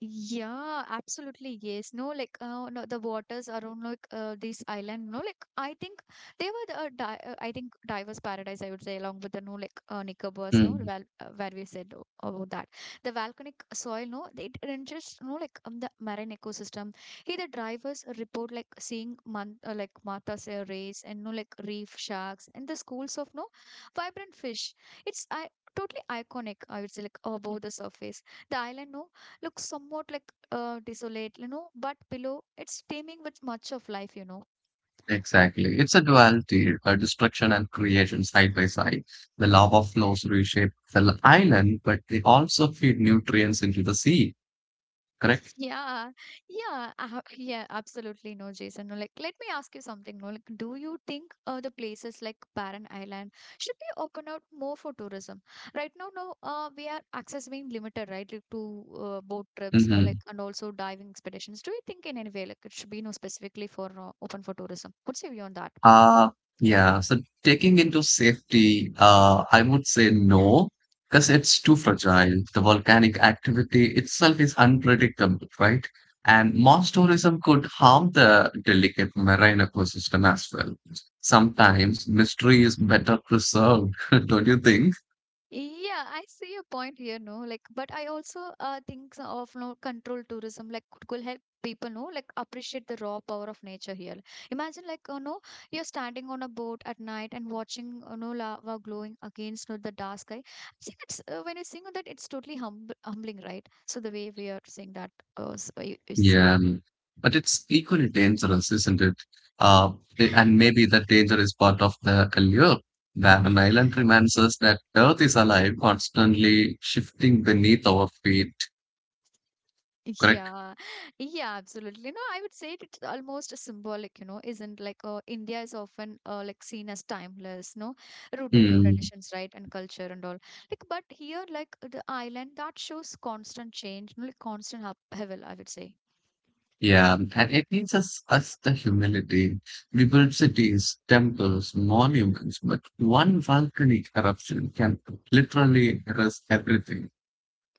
[SPEAKER 1] Yeah, absolutely. Yes. No, like no, the waters around like this island. No, like I think they were the di I think diver's paradise. I would say along with the no like Nicobar's no
[SPEAKER 2] Mm.
[SPEAKER 1] well where we said about that the volcanic soil. No, it enriches no like the marine ecosystem. Here the divers report like seeing man like Martha's rays and no like reef sharks and the schools of no vibrant fish. It's I totally iconic. I would say like above the surface the island no, looks somewhat like desolate, you know, but below it's teeming with much of life, you know.
[SPEAKER 2] Exactly. It's a duality, a destruction and creation side by side. The lava flows reshape the island, but they also feed nutrients into the sea, correct?
[SPEAKER 1] [laughs] Yeah, yeah, yeah, absolutely. No, Jason. No, like, let me ask you something. No, like, do you think the places like Barren Island should be open out more for tourism? Right now, no, we are access being limited, right, like, to boat trips, no,
[SPEAKER 2] Mhm.
[SPEAKER 1] like, and also diving expeditions. Do you think in any way, like, it should be, no, specifically for open for tourism? What's your view on that?
[SPEAKER 2] Uh, yeah. So taking into safety, I would say no, because it's too fragile. The volcanic activity itself is unpredictable, right? And mass tourism could harm the delicate marine ecosystem as well. Sometimes mystery is better preserved, [laughs] don't you think?
[SPEAKER 1] Yeah, I see your point here, no. Like, but I also think so of no control tourism, like could help people know, like appreciate the raw power of nature here. Imagine like you know you're standing on a boat at night and watching you know lava glowing against you know, the dark sky. I think it's when you are sing that it's totally humbling, right? So the way we are seeing that you're seeing
[SPEAKER 2] Yeah, but it's equally dangerous, isn't it? Uh,
[SPEAKER 1] it.
[SPEAKER 2] and maybe that danger is part of the allure. Van Island reminds us that Earth is alive, constantly shifting beneath our feet. Correct?
[SPEAKER 1] Yeah, [laughs] yeah, absolutely. No, I would say it's almost symbolic, you know, isn't like India is often like seen as timeless, no, rooted in
[SPEAKER 2] Hmm.
[SPEAKER 1] traditions, right, and culture and all. Like, but here, like the island that shows constant change, like constant upheaval, I would say.
[SPEAKER 2] Yeah, and it teaches us the humility. We build cities, temples, monuments, but one volcanic eruption can literally erase everything.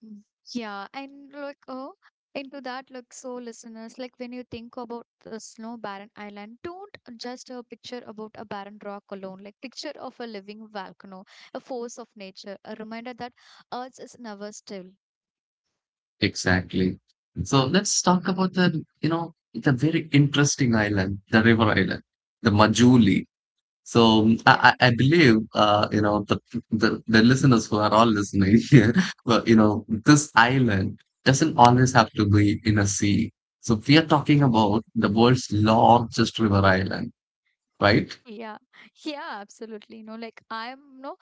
[SPEAKER 1] Mm. Yeah, and like oh, into that, like so, listeners, like when you think about the snow barren island, don't just a picture about a barren rock alone. Like picture of a living volcano, a force of nature, a reminder that Earth is never still.
[SPEAKER 2] Exactly. So let's talk about, the, the very interesting island, the river island, the Majuli. So
[SPEAKER 1] [laughs]
[SPEAKER 2] mm,
[SPEAKER 1] Yeah,
[SPEAKER 2] I I believe, the listeners who are all listening [laughs] here, well, you know, this island doesn't always have to be in a sea. So we are talking about the world's largest river island, right?
[SPEAKER 1] yeah, yeah, absolutely. You know, like I'm no,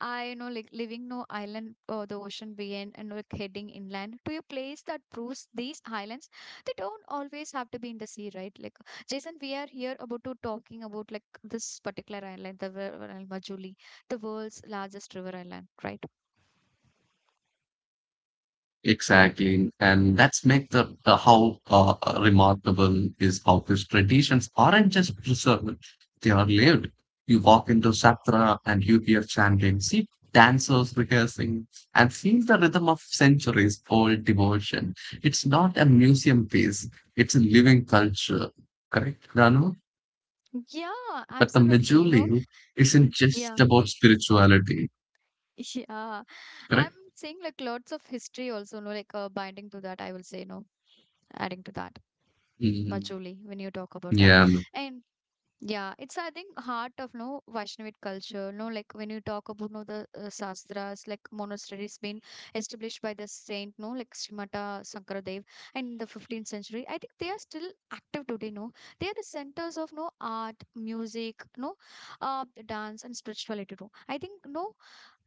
[SPEAKER 1] I you know like leaving no island or the ocean behind and like heading inland to a place that proves these islands. They don't always have to be in the sea, right? Like Jason, we are here about to talking about like this particular island, the Majuli, the world's largest river island, right?
[SPEAKER 2] Exactly. And that's make the how remarkable is how these traditions aren't just preserved, they are lived. You walk into Satra and you hear chanting, see dancers rehearsing, and feel the rhythm of centuries old devotion. It's not a museum piece, it's a living culture. Correct, Ranu?
[SPEAKER 1] Yeah,
[SPEAKER 2] But the
[SPEAKER 1] absolutely. You know,
[SPEAKER 2] Majuli isn't
[SPEAKER 1] y- yeah.
[SPEAKER 2] just about spirituality,
[SPEAKER 1] Yeah, I'm
[SPEAKER 2] correct?
[SPEAKER 1] seeing like lots of history also, no, like binding to that, I will say, no, adding to that. Much,
[SPEAKER 2] Mhm.
[SPEAKER 1] when you talk about that.
[SPEAKER 2] Yeah.
[SPEAKER 1] And yeah, it's I think heart of no Vaishnavic culture. No, like when you talk about no the sastras, like monasteries been established by the saint, no, like Srimata Shankaradev, in the 15th century, I think they are still active today. No, they are the centers of no art, music, no, dance and spirituality. Too. I think no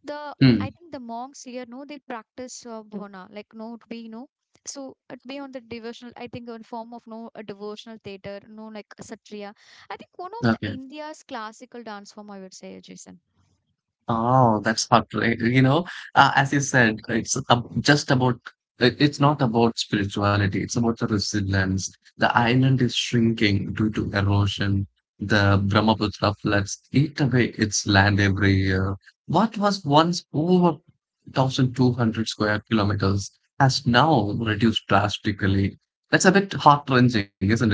[SPEAKER 1] the
[SPEAKER 2] Hmm.
[SPEAKER 1] I think the monks here, no, they practice bhavana, like no, it be no. So it be on the devotional, I think, in form of no a devotional theater, no like a satriya. I think one of the
[SPEAKER 2] Okay.
[SPEAKER 1] India's classical dance form, I would say, Jason.
[SPEAKER 2] Oh, that's hot, right? You know, as you said, it's not about spirituality. It's about the resilience. The island is shrinking due to erosion. The Brahmaputra floods eat away its land every year. What was once over 1,200 square kilometers has now reduced drastically. That's a bit heart-wrenching, isn't it?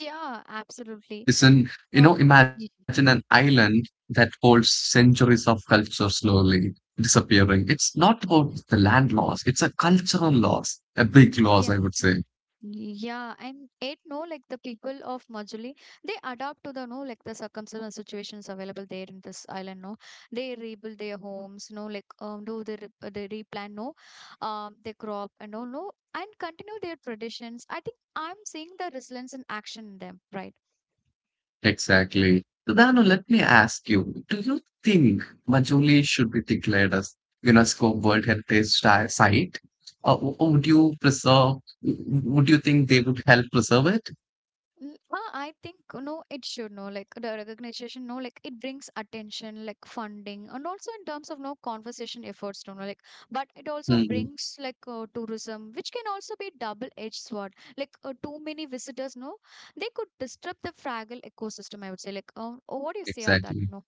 [SPEAKER 1] Yeah, absolutely.
[SPEAKER 2] Is an, you know,
[SPEAKER 1] Uh,
[SPEAKER 2] imagine
[SPEAKER 1] y-
[SPEAKER 2] an island that holds centuries of culture slowly disappearing. It's not about the land loss, it's a cultural loss, a big
[SPEAKER 1] yeah.
[SPEAKER 2] loss, I would say.
[SPEAKER 1] Yeah, and it no like the people of Majuli, they adapt to the no like the circumstances situations available there in this island. No, they rebuild their homes. No, like do they they replant? No, they crop and all. No, and continue their traditions. I think I'm seeing the resilience in action in them, right?
[SPEAKER 2] Exactly. So Dano, let me ask you, do you think Majuli should be declared as UNESCO World Heritage Site, or would you preserve, would you think they would help preserve it?
[SPEAKER 1] I think no, it should no like the recognition no like it brings attention like funding and also in terms of no conversation efforts to know like but it also
[SPEAKER 2] Mhm.
[SPEAKER 1] brings like tourism which can also be double-edged sword like too many visitors no they could disturb the fragile ecosystem I would say like what do you say on that
[SPEAKER 2] Exactly.
[SPEAKER 1] no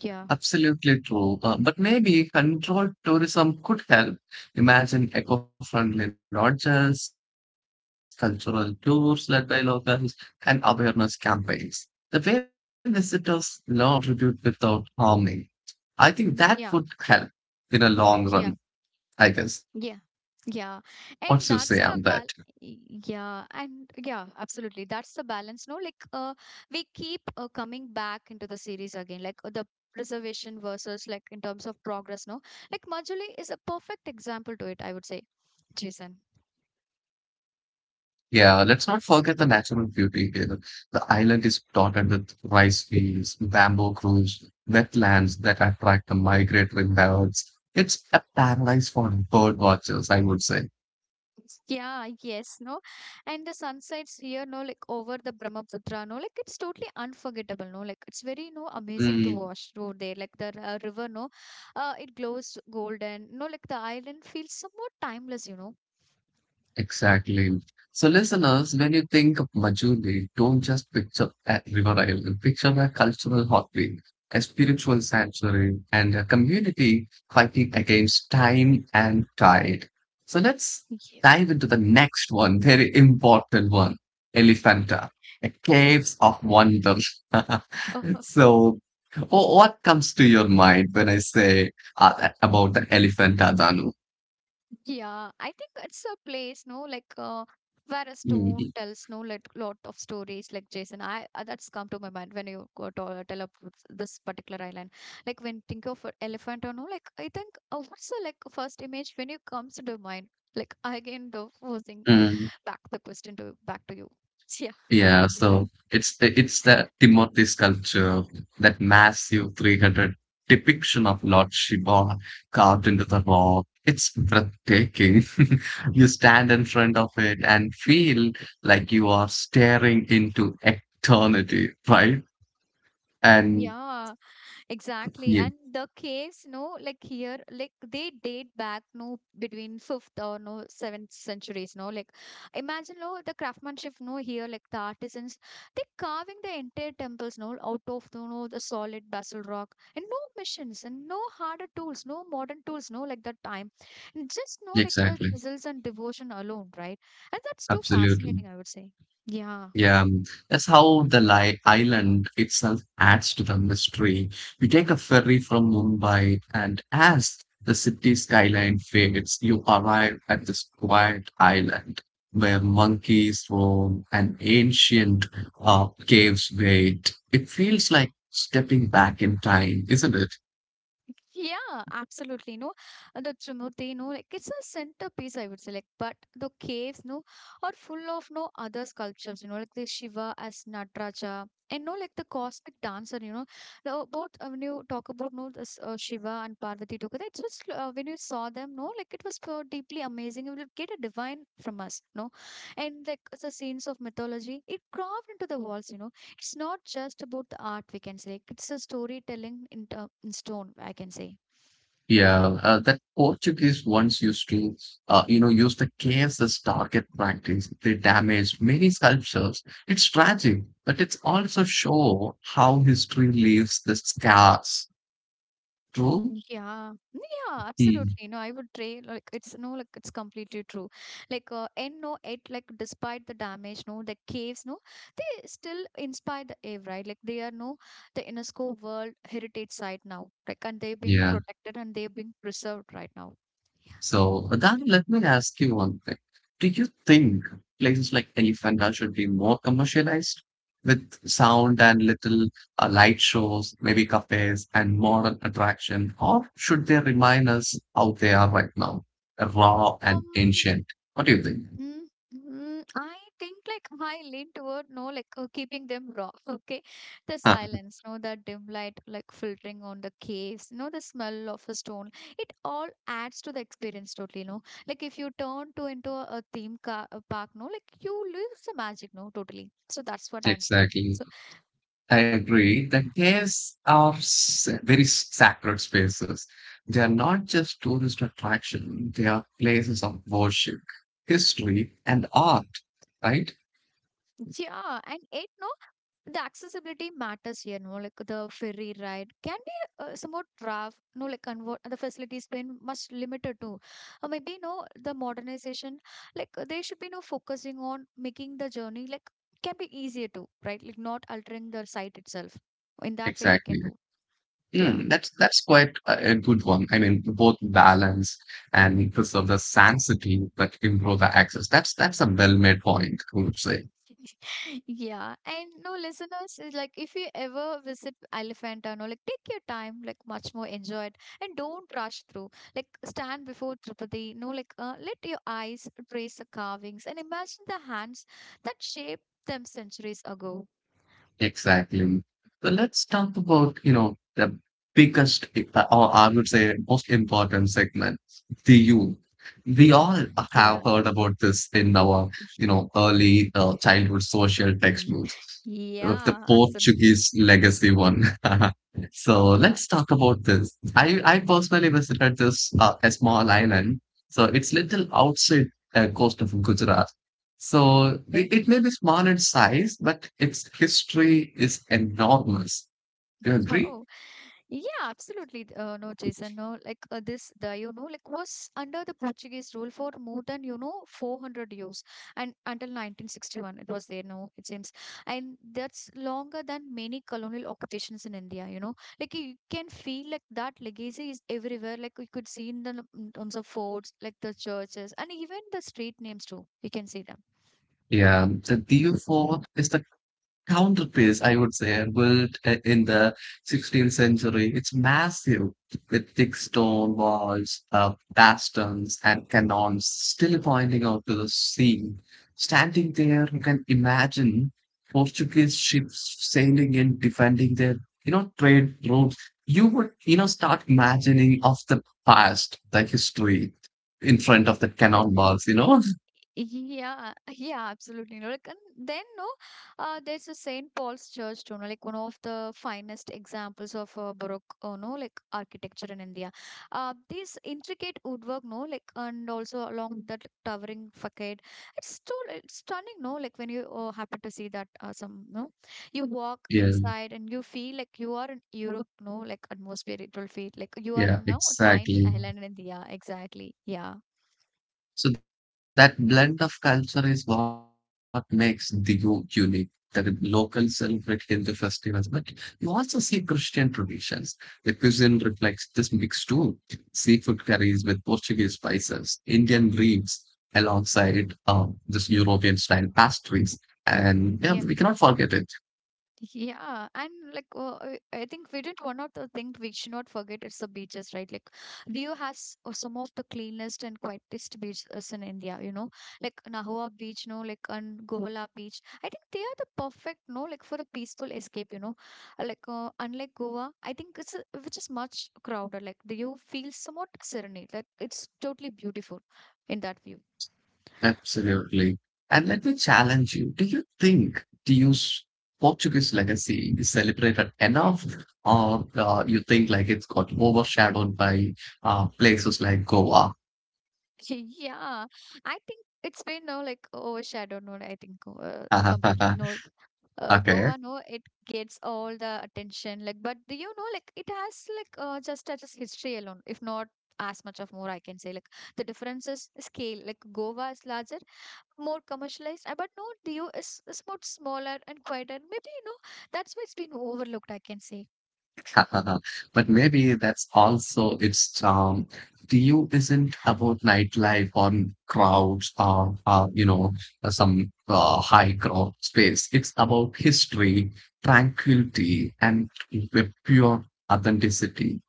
[SPEAKER 1] yeah.
[SPEAKER 2] Absolutely true. But maybe controlled tourism could help. Imagine eco-friendly lodges, cultural tours led by locals, and awareness campaigns. The way visitors learn and contribute without harming. I think that would
[SPEAKER 1] Yeah
[SPEAKER 2] help in a long
[SPEAKER 1] yeah.
[SPEAKER 2] run, I guess.
[SPEAKER 1] Yeah. Yeah. And
[SPEAKER 2] What's you
[SPEAKER 1] that's
[SPEAKER 2] say
[SPEAKER 1] the
[SPEAKER 2] on
[SPEAKER 1] bal,
[SPEAKER 2] that?
[SPEAKER 1] yeah, and yeah, absolutely. That's the balance, no? Like we keep coming back into the series again, like the preservation versus like in terms of progress, no? Like Majuli is a perfect example to it, I would say, Jason.
[SPEAKER 2] Yeah, let's not forget the natural beauty here. The island is dotted with rice fields, bamboo groves, wetlands that attract the migratory birds. It's a paradise for bird watchers, I would say.
[SPEAKER 1] [laughs] Yeah, yes, no. And the sunsets here, no, like over the Brahmaputra, no, like it's totally unforgettable, no, like it's very, no, amazing to watch over there. Like the river, no, it glows golden, no, like the island feels somewhat timeless, you know.
[SPEAKER 2] Exactly. So, listeners, when you think of Majuli, don't just picture a river island, picture a cultural heartbeat, a spiritual sanctuary, and a community fighting against time and tide. So, let's dive into the next one, very important one, Elephanta, a caves of wonder. [laughs] So, what comes to your mind when I say about the Elephanta, Danu?
[SPEAKER 1] Yeah, I think it's a place, no, like where a stone tells no like lot of stories. Like Jason, I that's come to my mind when you go to, tell up with this particular island. Like when think of a elephant or no, like I think what's the like first image when you comes to the mind? Like again, the posing
[SPEAKER 2] Mm,
[SPEAKER 1] back the question to back to you. [laughs] Yeah,
[SPEAKER 2] yeah, so
[SPEAKER 1] Jason.
[SPEAKER 2] it's that Timothy sculpture, that massive 300 depiction of Lord Shiva carved into the rock. It's breathtaking. [laughs] You stand in front of it and feel like you are staring into eternity, right? And
[SPEAKER 1] Yeah, exactly.
[SPEAKER 2] yeah,
[SPEAKER 1] And the caves, no, like here, like they date back, no, between fifth or no seventh centuries, no. Like imagine no the craftsmanship, no, here, like the artisans, they carving the entire temples, no, out of the no the solid basalt rock. And no machines and no harder tools, no modern tools, no, like that time. And just no like the
[SPEAKER 2] exactly.
[SPEAKER 1] chisels and devotion alone, right? And that's too
[SPEAKER 2] Absolutely.
[SPEAKER 1] fascinating, I would say. Yeah.
[SPEAKER 2] Yeah, that's how the island itself adds to the mystery. You take a ferry from Mumbai, and as the city skyline fades, you arrive at this quiet island where monkeys roam and ancient caves wait. It feels like stepping back in time, isn't it?
[SPEAKER 1] Yeah, absolutely. No, uh, the Trimurti, no, like it's a centerpiece, I would say. Like, but the caves, no, are full of no other sculptures. You know, like the Shiva as Nataraja, and no, like the cosmic dancer. You know, the, both when you talk about no, this Shiva and Parvati together, it's just when you saw them, no, like it was so deeply amazing. You will get a divine from us, no, and like the scenes of mythology, it carved into the walls. You know, it's not just about the art, we can say. Like, it's a storytelling in, in stone, I can say.
[SPEAKER 2] Yeah, that Portuguese ones used to, you know, use the case as target practice. They damaged many sculptures. It's tragic, but it's also show how history leaves the scars. True?
[SPEAKER 1] Yeah, yeah,
[SPEAKER 2] Mm,
[SPEAKER 1] absolutely. No, I would say like it's no, like it's completely true. Like, and no, it like despite the damage, no, the caves, no, they still inspire the ave, right? Like they are no, the UNESCO World Heritage Site now, like, and they're being
[SPEAKER 2] yeah.
[SPEAKER 1] protected and they're being preserved right now.
[SPEAKER 2] So, Adani, let me ask you one thing. Do you think places like Elephanta should be more commercialized with sound and little light shows, maybe cafes and modern attraction, or should they remind us how they are right now, raw and
[SPEAKER 1] Um,
[SPEAKER 2] ancient? What do you think?
[SPEAKER 1] Mm, I think like I lean toward no like keeping them raw. [laughs] Okay, the
[SPEAKER 2] Huh,
[SPEAKER 1] silence, no that dim light like filtering on the caves, no the smell of a stone. It all adds to the experience totally. No, like if you turn to into a theme car, a park, no like you lose the magic. No, totally. So that's what I'm saying.
[SPEAKER 2] exactly. I agree. The caves are very sacred spaces. They are not just tourist attraction, they are places of worship, history, and art, right?
[SPEAKER 1] Yeah, and it no, the accessibility matters here. No, like the ferry ride can be somewhat rough. No, like convert the facilities been much limited too. Or maybe no, the modernization like they should be no focusing on making the journey like can be easier too, right? Like not altering the site itself. In that way, they
[SPEAKER 2] Exactly.
[SPEAKER 1] can do. Yeah.
[SPEAKER 2] Mm, that's quite a good one. I mean, both balance and preserve the sanctity but improve the access. That's a well-made point, I would say.
[SPEAKER 1] [laughs] Yeah, and no listeners, is like if you ever visit Elephant Tunnel, like take your time, like much more enjoy it, and don't rush through. Like stand before Tirupati, no, like let your eyes trace the carvings and imagine the hands that shaped them centuries ago.
[SPEAKER 2] Exactly. So let's talk about, you know, the biggest, or I would say most important segment, the youth. We all have
[SPEAKER 1] Yeah,
[SPEAKER 2] heard about this in our, you know, early childhood social textbooks,
[SPEAKER 1] [laughs]
[SPEAKER 2] the
[SPEAKER 1] yeah, absolutely.
[SPEAKER 2] Portuguese legacy one. [laughs] So
[SPEAKER 1] Yeah.
[SPEAKER 2] let's talk about this. I personally visited this a small island. So it's little outside coast of Gujarat. So
[SPEAKER 1] Okay.
[SPEAKER 2] it may be small in size, but its history is enormous. Do you agree?
[SPEAKER 1] Oh. Yeah, absolutely. No, Jason, no, like this, the, you know, like was under the Portuguese rule for more than, you know, 400 years and until 1961, it was there, no, it seems. And that's longer than many colonial occupations in India, you know, like you can feel like that legacy is everywhere. Like you could see in the in terms of forts, like the churches, and even the street names too, you can see them.
[SPEAKER 2] Yeah, the DU4 is the counterpiece, I would say, built in the 16th century. It's massive with thick stone walls, bastions, and cannons still pointing out to the sea. Standing there, you can imagine Portuguese ships sailing in, defending their, you know, trade routes. You would, start imagining of the past, the history in front of the cannon balls, [laughs]
[SPEAKER 1] Yeah, [laughs] yeah, absolutely. No, like, and then no, there's a Saint Paul's Church too. No, like one of the finest examples of Baroque, no, like architecture in India. This intricate woodwork, no, like, and also along that towering facade, it's stunning. No, like when you happen to see that, some no, you walk
[SPEAKER 2] Yeah,
[SPEAKER 1] inside and you feel like you are in Europe. No, like atmosphere, it will feel like you are
[SPEAKER 2] yeah,
[SPEAKER 1] in no tiny
[SPEAKER 2] exactly.
[SPEAKER 1] island in India. Exactly. Yeah.
[SPEAKER 2] So that blend of culture is what makes the unique. The locals celebrate Hindu festivals, but you also see Christian traditions. The cuisine reflects this mix too. Seafood curries with Portuguese spices, Indian breeds alongside this European style pastries. And
[SPEAKER 1] Yeah.
[SPEAKER 2] yeah, we cannot forget it.
[SPEAKER 1] Yeah, and like I think we did one of the things we should not forget is the beaches, right? Like Diu has some of the cleanest and quietest beaches in India, you know, like Nahua Beach, no, like and Govala Beach. I think they are the perfect, no, like for a peaceful escape, you know. Like unlike Goa, I think it's which is much crowded. Like Diu feels somewhat serenade, like it's totally beautiful in that view.
[SPEAKER 2] Absolutely. And let me challenge you. Do you think to use Portuguese legacy is celebrated enough, or you think like it's got overshadowed by places like Goa?
[SPEAKER 1] [laughs] Yeah, I think it's been no like overshadowed no I think completely
[SPEAKER 2] [laughs]
[SPEAKER 1] no
[SPEAKER 2] Okay.
[SPEAKER 1] Goa, no, it gets all the attention. Like, but do you know, like, it has like just as history alone, if not as much of more, I can say. Like, the difference is scale. Like, Goa is larger, more commercialized, but no, Dio is much smaller and quieter. Maybe you know that's why it's been overlooked, I can say.
[SPEAKER 2] [laughs] But maybe that's also its charm. To you, isn't about nightlife or crowds or, some high crowd space. It's about history, tranquility, and pure authenticity.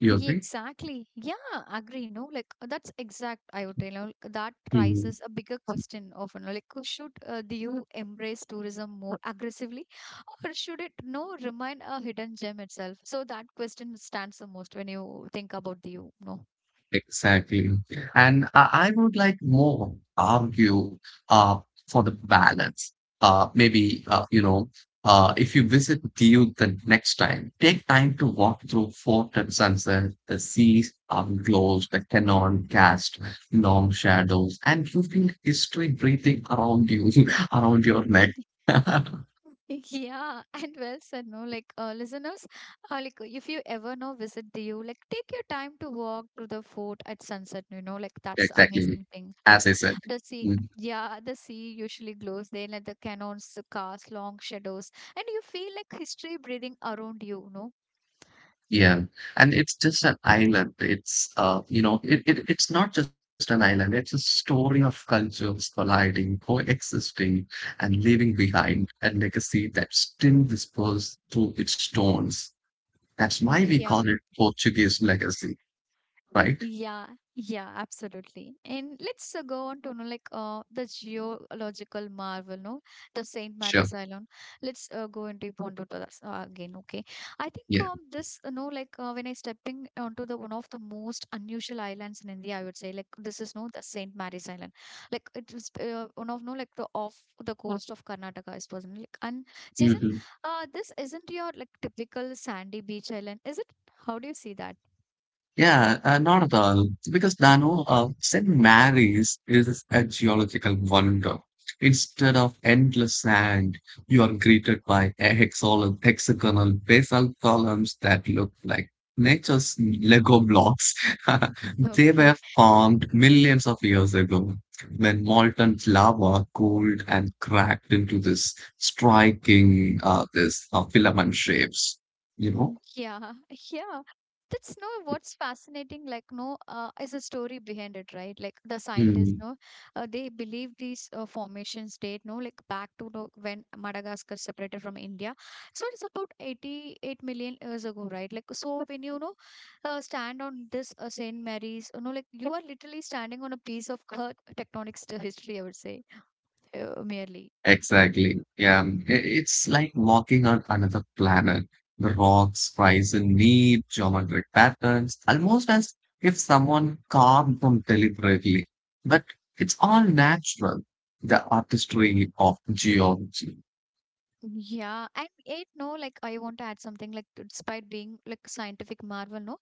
[SPEAKER 2] You
[SPEAKER 1] Yeah,
[SPEAKER 2] agree?
[SPEAKER 1] exactly. Yeah, agree. No, like that's exact. I would tell you that raises a bigger question often. Like, should the U embrace tourism more aggressively, [laughs] or should it no remain a hidden gem itself? So that question stands the most when you think about the U. No.
[SPEAKER 2] Exactly. And I would like more argue uh, for the balance. Maybe, if you visit Diu the next time, take time to walk through Fort and Sunset, the seas glows, the cannon cast long shadows, and you feel history breathing around you, [laughs] around your neck.
[SPEAKER 1] [laughs]
[SPEAKER 2] [laughs]
[SPEAKER 1] Yeah, [laughs] and well said, no, like listeners, like if you ever know visit the U, like take your time to walk to the fort at sunset, you know, like that's
[SPEAKER 2] Exactly.
[SPEAKER 1] amazing thing. Like
[SPEAKER 2] As I said.
[SPEAKER 1] the sea,
[SPEAKER 2] Hmm.
[SPEAKER 1] yeah, the sea usually glows there, like the cannons cast long shadows, and you feel like history breathing around you, no?
[SPEAKER 2] Yeah, and it's just an island. It's it's not just an island. It's a story of cultures colliding, coexisting, and leaving behind a legacy that still whispers through its stones. That's
[SPEAKER 1] Mm,
[SPEAKER 2] why we
[SPEAKER 1] yeah.
[SPEAKER 2] call it Portuguese legacy, right?
[SPEAKER 1] Yeah, yeah, absolutely. And let's go on to know like the geological marvel, no, the Saint
[SPEAKER 2] Sure.
[SPEAKER 1] Mary's Island. Let's go into deep onto this again. Okay, I think
[SPEAKER 2] Yeah.
[SPEAKER 1] this, you know, like when I stepping onto the one of the most unusual islands in India, I would say like this is no the Saint Mary's Island. Like it is one of no like the off the coast of Karnataka, I suppose. And, like and Jason,
[SPEAKER 2] Mhm.
[SPEAKER 1] this isn't your like typical sandy beach island, is it? How do you see that?
[SPEAKER 2] Yeah, not at all. Because Dano, St. Mary's is a geological wonder. Instead of endless sand, you are greeted by a hexagonal basalt columns that look like nature's Lego blocks. [laughs]
[SPEAKER 1] [laughs]
[SPEAKER 2] They were
[SPEAKER 1] Okay.
[SPEAKER 2] formed millions of years ago when molten lava cooled and cracked into this striking, this filament shapes, you
[SPEAKER 1] Mm,
[SPEAKER 2] know?
[SPEAKER 1] yeah, [laughs] yeah. That's no what's fascinating, like no, is a story behind it, right? Like the scientists,
[SPEAKER 2] 嗯。
[SPEAKER 1] no, they believe these formations date, no, like back to the, when Madagascar separated from India. So it's about 88 million years ago, right? Like so, when you know, stand on this Saint Mary's, you know, like you are literally standing on a piece of earth tectonic history, I would say, merely.
[SPEAKER 2] Exactly. Yeah. It's like walking on another planet. The rocks rise in neat geometric patterns, almost as if someone carved them deliberately. But it's all natural, the artistry of geology.
[SPEAKER 1] Yeah, and it no, like I want to add something like despite being like a scientific marvel, no,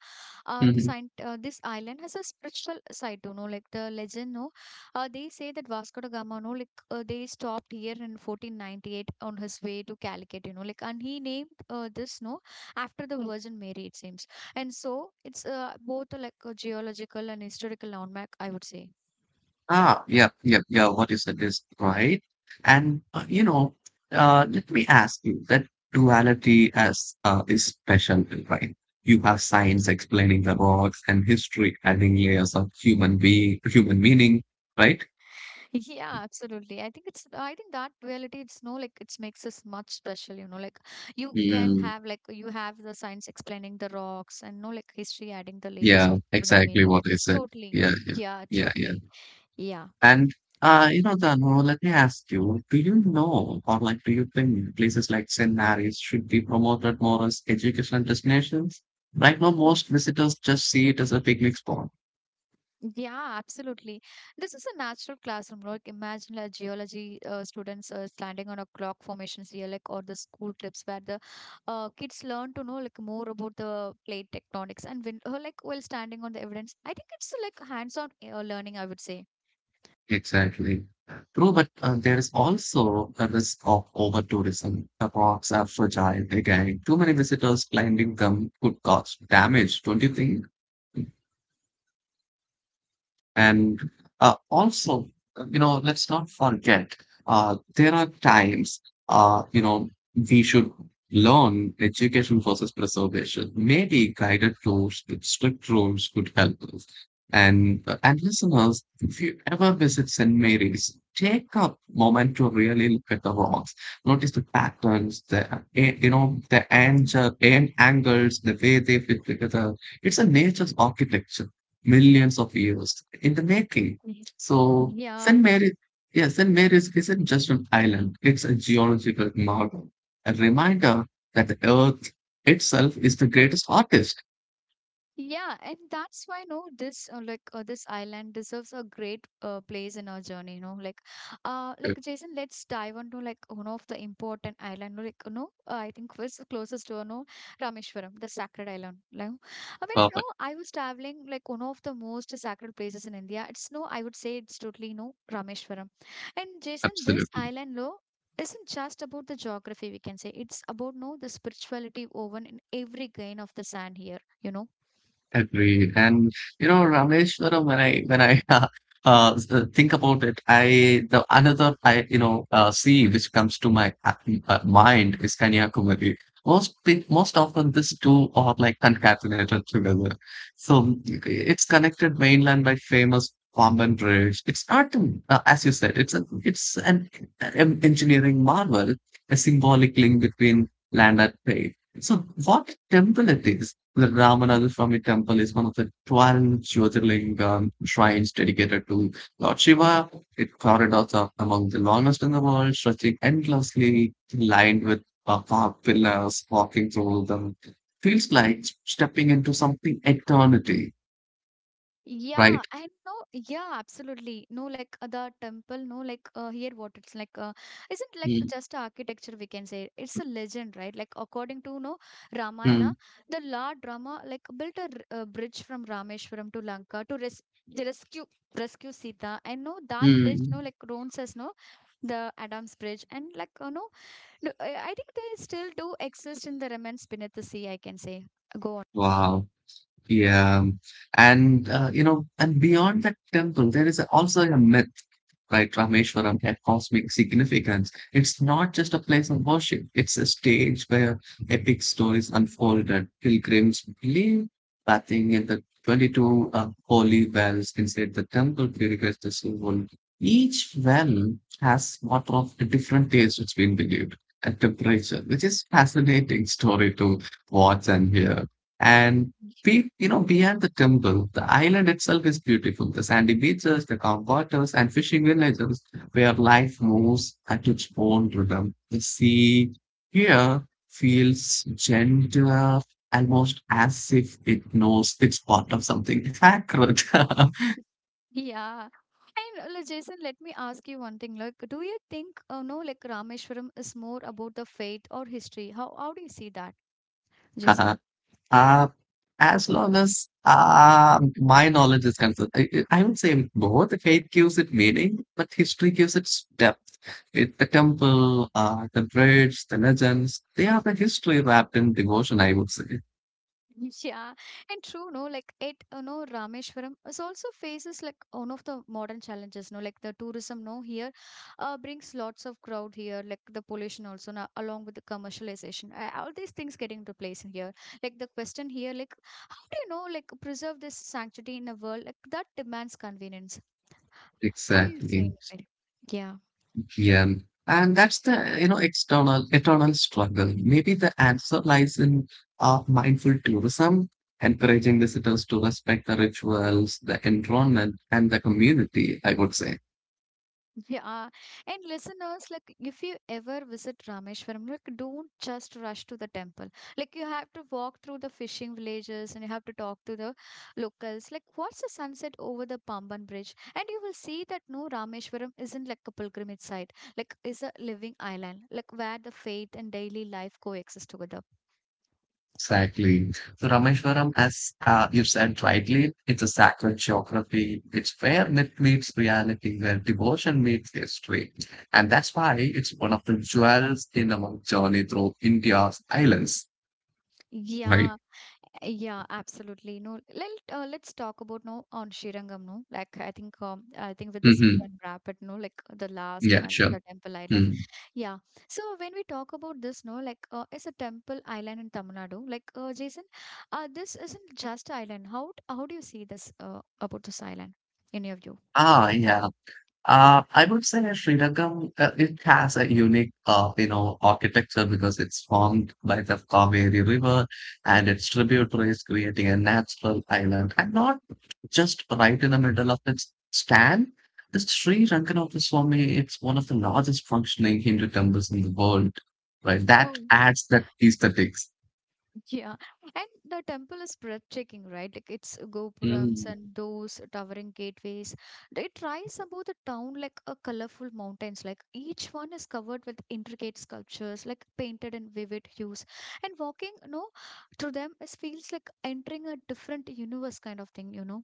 [SPEAKER 1] the
[SPEAKER 2] Mm-hmm.
[SPEAKER 1] scient this island has a spiritual side too, no, like the legend, no, they say that Vasco da Gama, no, like they stopped here in 1498 on his way to Calicut, you know, like and he named this no after the Virgin Mary, it seems, and so it's both like a geological and historical landmark, I would say.
[SPEAKER 2] Ah, yeah, yeah, yeah. What you said is right. And let me ask you that duality as is special, right? You have science explaining the rocks and history adding layers of human being, human meaning, right?
[SPEAKER 1] Yeah, absolutely. I think that duality it's no like it makes us much special, you know, like you can
[SPEAKER 2] Mm,
[SPEAKER 1] have like you have the science explaining the rocks and no like history adding the layers
[SPEAKER 2] yeah,
[SPEAKER 1] of human
[SPEAKER 2] exactly
[SPEAKER 1] meaning.
[SPEAKER 2] what I
[SPEAKER 1] It's
[SPEAKER 2] said.
[SPEAKER 1] totally.
[SPEAKER 2] Yeah, yeah,
[SPEAKER 1] Yeah,
[SPEAKER 2] yeah, yeah.
[SPEAKER 1] totally. Yeah.
[SPEAKER 2] And Dano, let me ask you, do you know or like do you think places like seminaries should be promoted more as educational destinations? Right now, most visitors just see it as a picnic spot.
[SPEAKER 1] Yeah, absolutely. This is a natural classroom. Like imagine like geology students standing on a clock formations here, like or the school trips where the kids learn to know like more about the plate tectonics and when like while standing on the evidence. I think it's like hands-on learning, I would say.
[SPEAKER 2] Exactly. True, but there is also a risk of over tourism. The parks are fragile again. Too many visitors climbing them could cause damage, don't you think? And also, let's not forget there are times, uh, you know, we should learn education versus preservation. Maybe guided tours with strict rules could help us. And listeners, if you ever visit St. Mary's, take a moment to really look at the rocks. Notice the patterns, the eh, you know the
[SPEAKER 1] Mm,
[SPEAKER 2] angle, angles, the way they fit together. It's a nature's architecture millions of years in the making.
[SPEAKER 1] okay. Mhm.
[SPEAKER 2] So
[SPEAKER 1] Yeah.
[SPEAKER 2] Yeah, St. Mary's isn't just an island, it's a geological marvel, a reminder that the earth itself is the greatest artist.
[SPEAKER 1] Yeah, and that's why no, this this island deserves a great place in our journey. You know, like Jason, let's dive into like one of the important island. Like, you know, I think was closest to you know Rameshwaram, the sacred island. Like, I mean, you
[SPEAKER 2] Perfect,
[SPEAKER 1] know, I was traveling like one of the most sacred places in India. It's no, I would say it's totally no Rameshwaram, and Jason, this
[SPEAKER 2] absolutely.
[SPEAKER 1] island, no. Isn't just about the geography, we can say. It's about no the spirituality woven in every grain of the sand here, you know.
[SPEAKER 2] Agreed. And you know, Rameshwaram, when I [laughs] think about it, I the another I you know sea which comes to my mind is Kanyakumari. Most often these two are like concatenated together. So it's connected mainland by famous Pamban Bridge. It's not an- As you said. It's an engineering marvel, a symbolic link between land and sea. So what temple it is? The Ramanath Swamy Temple is one of the 12 Jyotirlingam shrines dedicated to Lord Shiva. It corridors are among the longest in the world, stretching endlessly, lined with above pillars, walking through them. Feels like stepping into something eternity,
[SPEAKER 1] Yeah,
[SPEAKER 2] right?
[SPEAKER 1] and no, yeah, absolutely. No, like the temple, no, like here what it's like, isn't like
[SPEAKER 2] Mm,
[SPEAKER 1] just architecture, we can say. It's a legend, right? Like, according to no
[SPEAKER 2] mm,
[SPEAKER 1] Ramayana, the Lord Rama like built a, a bridge from Rameshwaram to Lanka to res the rescue rescue Sita. And no, that bridge, no,
[SPEAKER 2] mm.
[SPEAKER 1] like runs as no, the Adam's Bridge, and like, no, no, I think they still do exist in the remains beneath the sea, I can say. Go on.
[SPEAKER 2] Wow. Yeah, and beyond that temple, there is also a myth, right? Rameshwaram had cosmic significance. It's not just a place of worship; it's a stage where epic stories unfolded. Pilgrims believe bathing in the 22 holy wells inside the temple purifies the soul. Each well has water of a different taste. It's been believed and temperature, which is fascinating story to watch and hear. And beyond the temple, the island itself is beautiful. The sandy beaches, the calm waters, and fishing villages where life moves at its own rhythm. The sea here feels gentler, almost as if it knows it's part of something sacred. [laughs]
[SPEAKER 1] Yeah. And like, Jason, let me ask you one thing. Like, do you think, no, like Rameshwaram is more about the faith or history? How do you see that, Jason? [laughs]
[SPEAKER 2] Uh, as long as my knowledge is concerned, I would say both faith gives it meaning, but history gives it depth. It, the temple, the bridge, the legends, they are the history wrapped in devotion, I would say.
[SPEAKER 1] Yeah, and true, no, like it, you know, Rameshwaram is also faces like one of the modern challenges, no, like the tourism, no, here, brings lots of crowd here, like the pollution also, now, along with the commercialization, all these things getting to place in here. Like the question here, like how do you know, like preserve this sanctity in a world like that demands convenience? How do you say
[SPEAKER 2] Exactly.
[SPEAKER 1] it very? Yeah.
[SPEAKER 2] Yeah. And that's the, eternal struggle. Maybe the answer lies in mindful tourism, encouraging visitors to respect the rituals, the environment, and the community, I would say.
[SPEAKER 1] Yeah. And listeners, like if you ever visit Rameshwaram, like don't just rush to the temple. Like you have to walk through the fishing villages and you have to talk to the locals. Like watch the sunset over the Pamban Bridge. And you will see that no Rameshwaram isn't like a pilgrimage site. Like is a living island, like where the faith and daily life coexist together.
[SPEAKER 2] Exactly. So Rameshwaram, as you said rightly, it's a sacred geography. It's where myth meets reality, where devotion meets history. And that's why it's one of the jewels in our journey through India's islands, right?
[SPEAKER 1] Yeah. Yeah, absolutely. No, let let's talk about no on Srirangam. No, like I think with this we
[SPEAKER 2] Mm-hmm.
[SPEAKER 1] can wrap it. No, like the last
[SPEAKER 2] Yeah,
[SPEAKER 1] one,
[SPEAKER 2] sure.
[SPEAKER 1] the temple island.
[SPEAKER 2] Mm.
[SPEAKER 1] Yeah. So when we talk about this, no, like it's a temple island in Tamil Nadu. Like Jason, this isn't just island. How do you see this about this island in your view?
[SPEAKER 2] Ah, yeah. I would say Srirangam, it has a unique, architecture because it's formed by the Kaveri River and its tributaries, creating a natural island. And not just right in the middle of its stand. The Sri Ranganatha Swami, it's one of the largest functioning Hindu temples in the world, right? That
[SPEAKER 1] Oh.
[SPEAKER 2] adds that aesthetics.
[SPEAKER 1] Yeah, and the temple is breathtaking, right? Like its gopurams and those towering gateways. It rise above the town like a colorful mountains. Like each one is covered with intricate sculptures, like painted in vivid hues. And walking, you know, through them is feels like entering a different universe kind of thing, you know?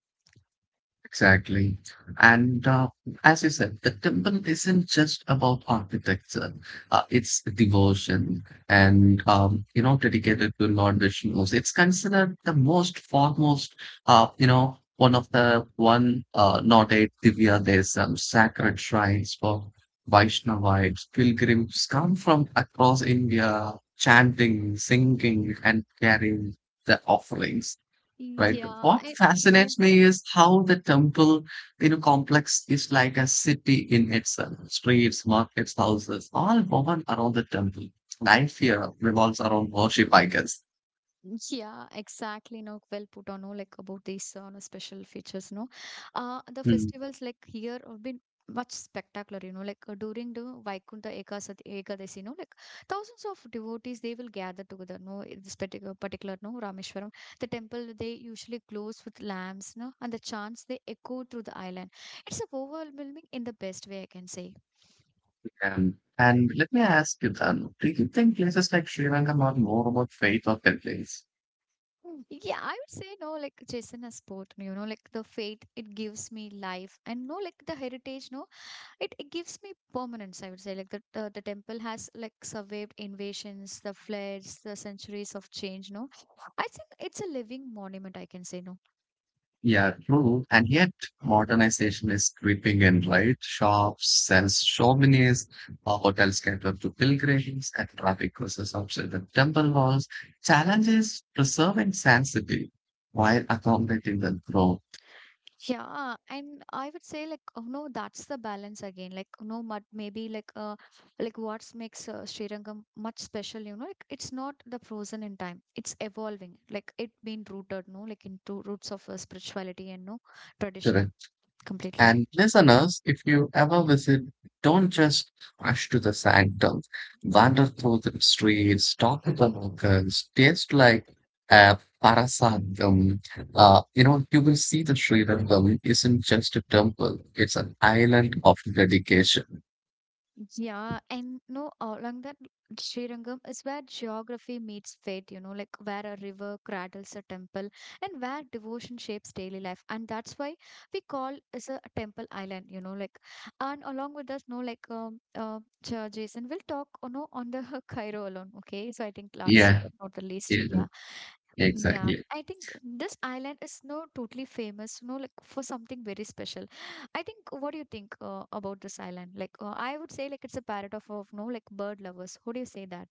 [SPEAKER 2] Exactly. And as you said, the temple isn't just about architecture. It's devotion and, dedicated to Lord Vishnu. It's considered the most foremost, you know, one of the one, not eight Divya Desam, sacred shrines for Vaishnavites. Pilgrims come from across India chanting, singing, and carrying the offerings, right?
[SPEAKER 1] Yeah,
[SPEAKER 2] What
[SPEAKER 1] I, yeah.
[SPEAKER 2] fascinates me is how the temple, complex is like a city in itself. Streets, markets, houses, all woven around the temple. Life here revolves around worship, I guess.
[SPEAKER 1] Yeah, exactly. No, well put on, no, like about these no, special features, no. The
[SPEAKER 2] Hmm.
[SPEAKER 1] festivals like here have been much spectacular, you know, like during the Vaikuntha Ekasat Ekadasi, no, like thousands of devotees, they will gather together, no, in this particular, no, Rameshwaram. The temple, they usually glows with lamps, no, and the chants, they echo through the island. It's overwhelming in the best way, I can say.
[SPEAKER 2] And let me ask you then, do you think places like Sri Lanka are more about faith or templates?
[SPEAKER 1] Yeah, I would say no, like chess in a sport, you know, like the faith it gives me life, and no, like the heritage, no, it gives me permanence. I would say, like the temple has like survived invasions, the floods, the centuries of change. No, I think it's a living monument. I can say no.
[SPEAKER 2] Yeah, true. And yet, modernization is creeping in, right? Shops sells souvenirs, hotels cater to pilgrims, and traffic crosses outside the temple walls. Challenges preserving sanctity while accommodating the growth.
[SPEAKER 1] Yeah, and I would say like oh no, that's the balance again. Like oh no, but maybe like what makes Srirangam much special, you know? Like it's not the frozen in time. It's evolving. Like it being rooted, no, like into roots of spirituality and no tradition
[SPEAKER 2] Correct.
[SPEAKER 1] completely.
[SPEAKER 2] And listeners, if you ever visit, don't just rush to the sanctum. Wander through the streets, talk to the locals, taste like a parasatum. You will see that Sri Rangam isn't just a temple, it's an island of dedication.
[SPEAKER 1] Yeah, and no, along that Srirangam is where geography meets faith, you know, like where a river cradles a temple and where devotion shapes daily life. And that's why we call it a temple island, you know, like, and along with us, no, like, Jason, we'll talk, you know, on the [laughs] Cairo alone, okay? So I think last
[SPEAKER 2] Yeah,
[SPEAKER 1] but not the least,
[SPEAKER 2] yeah,
[SPEAKER 1] yeah. Yeah,
[SPEAKER 2] exactly.
[SPEAKER 1] I think this island is no totally famous, no, like for something very special. I think, what do you think about this island? Like, I would say, like, it's a parrot of no, like, bird lovers. Who do you say that?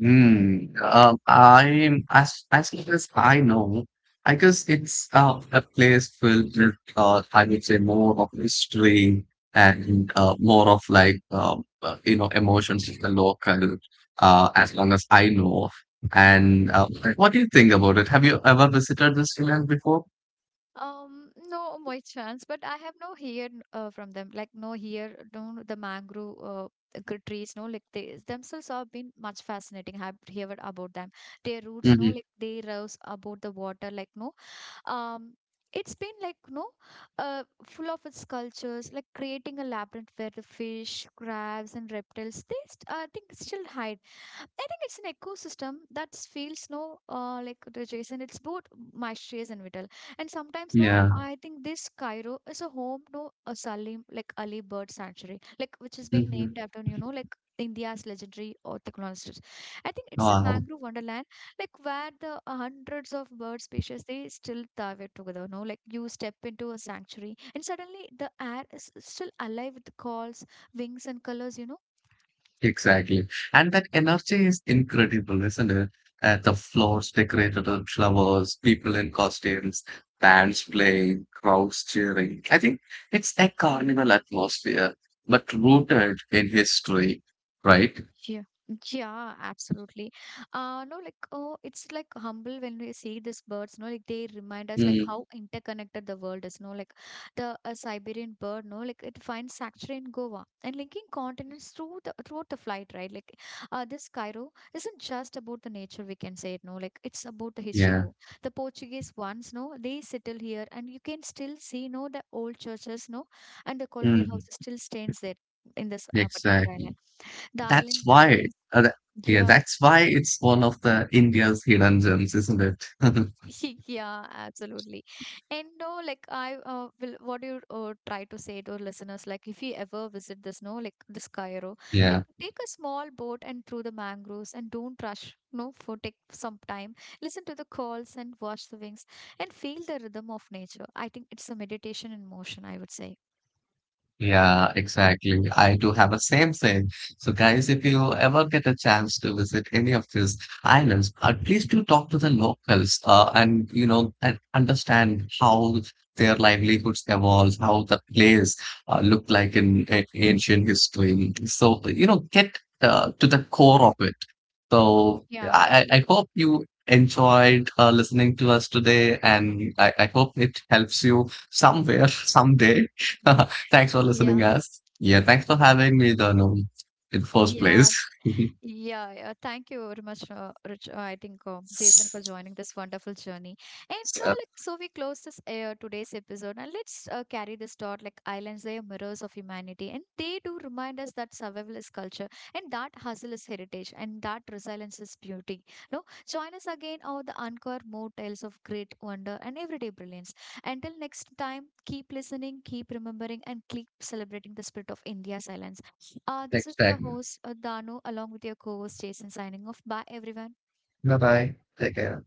[SPEAKER 2] I'm as far as I know, I guess it's a place filled with I would say more of history and more of like emotions of the local. As long as I know, and what do you think about it? Have you ever visited this island before?
[SPEAKER 1] No, my chance, but I have no hear from them. Like, no here, no, the mangrove trees, no, like, they themselves have been much fascinating. I've heard about them. Their roots, no,
[SPEAKER 2] Hmm.
[SPEAKER 1] like, they rouse about the water, like, no, um it's been like no full of its cultures like creating a labyrinth where the fish crabs and reptiles they I think still hide. I think it's an ecosystem that feels no like the Jason it's both mysterious and vital. And sometimes no
[SPEAKER 2] Yeah.
[SPEAKER 1] I think this Cairo is a home no a Salim like Ali bird sanctuary like which has been
[SPEAKER 2] Mhm.
[SPEAKER 1] named after you know like India's legendary ornithologist. I think it's a
[SPEAKER 2] Wow,
[SPEAKER 1] mangrove wonderland like where the hundreds of bird species they still thrive together no like you step into a sanctuary and suddenly the air is still alive with calls wings and colors you know.
[SPEAKER 2] exactly. And that energy is incredible, isn't it? The floors decorated with flowers, people in costumes, bands playing, crowds cheering. I think it's a carnival atmosphere, but rooted in history, right?
[SPEAKER 1] Yeah, yeah, absolutely. No, like, oh, it's like humble when we see these birds, no, like they remind us like
[SPEAKER 2] Mm,
[SPEAKER 1] how interconnected the world is, no, like the Siberian bird, no, like it finds sanctuary in Goa and linking continents through the throughout the flight, right? Like, this Cairo isn't just about the nature, we can say it, no, like it's about the history
[SPEAKER 2] yeah,
[SPEAKER 1] too. The Portuguese ones, no, they settle here, and you can still see, no, the old churches, no, and the colonial
[SPEAKER 2] mm,
[SPEAKER 1] houses still stands there in this particular island.
[SPEAKER 2] exactly.
[SPEAKER 1] The
[SPEAKER 2] That's
[SPEAKER 1] island that
[SPEAKER 2] why,
[SPEAKER 1] blends.
[SPEAKER 2] uh, yeah,
[SPEAKER 1] Yeah,
[SPEAKER 2] that's why it's one of the India's hidden gems, isn't it? [laughs]
[SPEAKER 1] [laughs] yeah, absolutely. And no, like I will. What do you try to say to listeners? Like, if you ever visit this, no, like this Cairo, like
[SPEAKER 2] Yeah.
[SPEAKER 1] take a small boat and through the mangroves, and don't rush. No, for take some time. Listen to the calls and watch the wings, and feel the rhythm of nature. I think it's a meditation in motion. I would say.
[SPEAKER 2] Yeah, exactly. I do have a same thing. So guys, if you ever get a chance to visit any of these islands, please do talk to the locals, and understand how their livelihoods evolved, how the place looked like in ancient history. So, you know, get to the core of it. So
[SPEAKER 1] Yeah.
[SPEAKER 2] I hope you enjoyed listening to us today, and I hope it helps you somewhere, [laughs] someday. [laughs]
[SPEAKER 1] [laughs]
[SPEAKER 2] Thanks for listening,
[SPEAKER 1] Yeah.
[SPEAKER 2] us. Yeah, thanks for having me, Danu, in the first
[SPEAKER 1] Yeah.
[SPEAKER 2] place. [laughs] yeah,
[SPEAKER 1] Yeah, yeah. Thank you very much, Rich. I think Jason for joining this wonderful journey. And no, like so, we close this today's episode, and let's carry this thought. Like islands, they are mirrors of humanity, and they do remind us that survival is culture, and that hustle is heritage, and that resilience is beauty. No, join us again on the uncover more tales of great wonder and everyday brilliance. Until next time, keep listening, keep remembering, and keep celebrating the spirit of India's islands. This
[SPEAKER 2] thanks,
[SPEAKER 1] is your
[SPEAKER 2] thanks.
[SPEAKER 1] host, Dano, along with your co host, Jason, signing off. Bye, everyone.
[SPEAKER 2] Bye bye. Take care.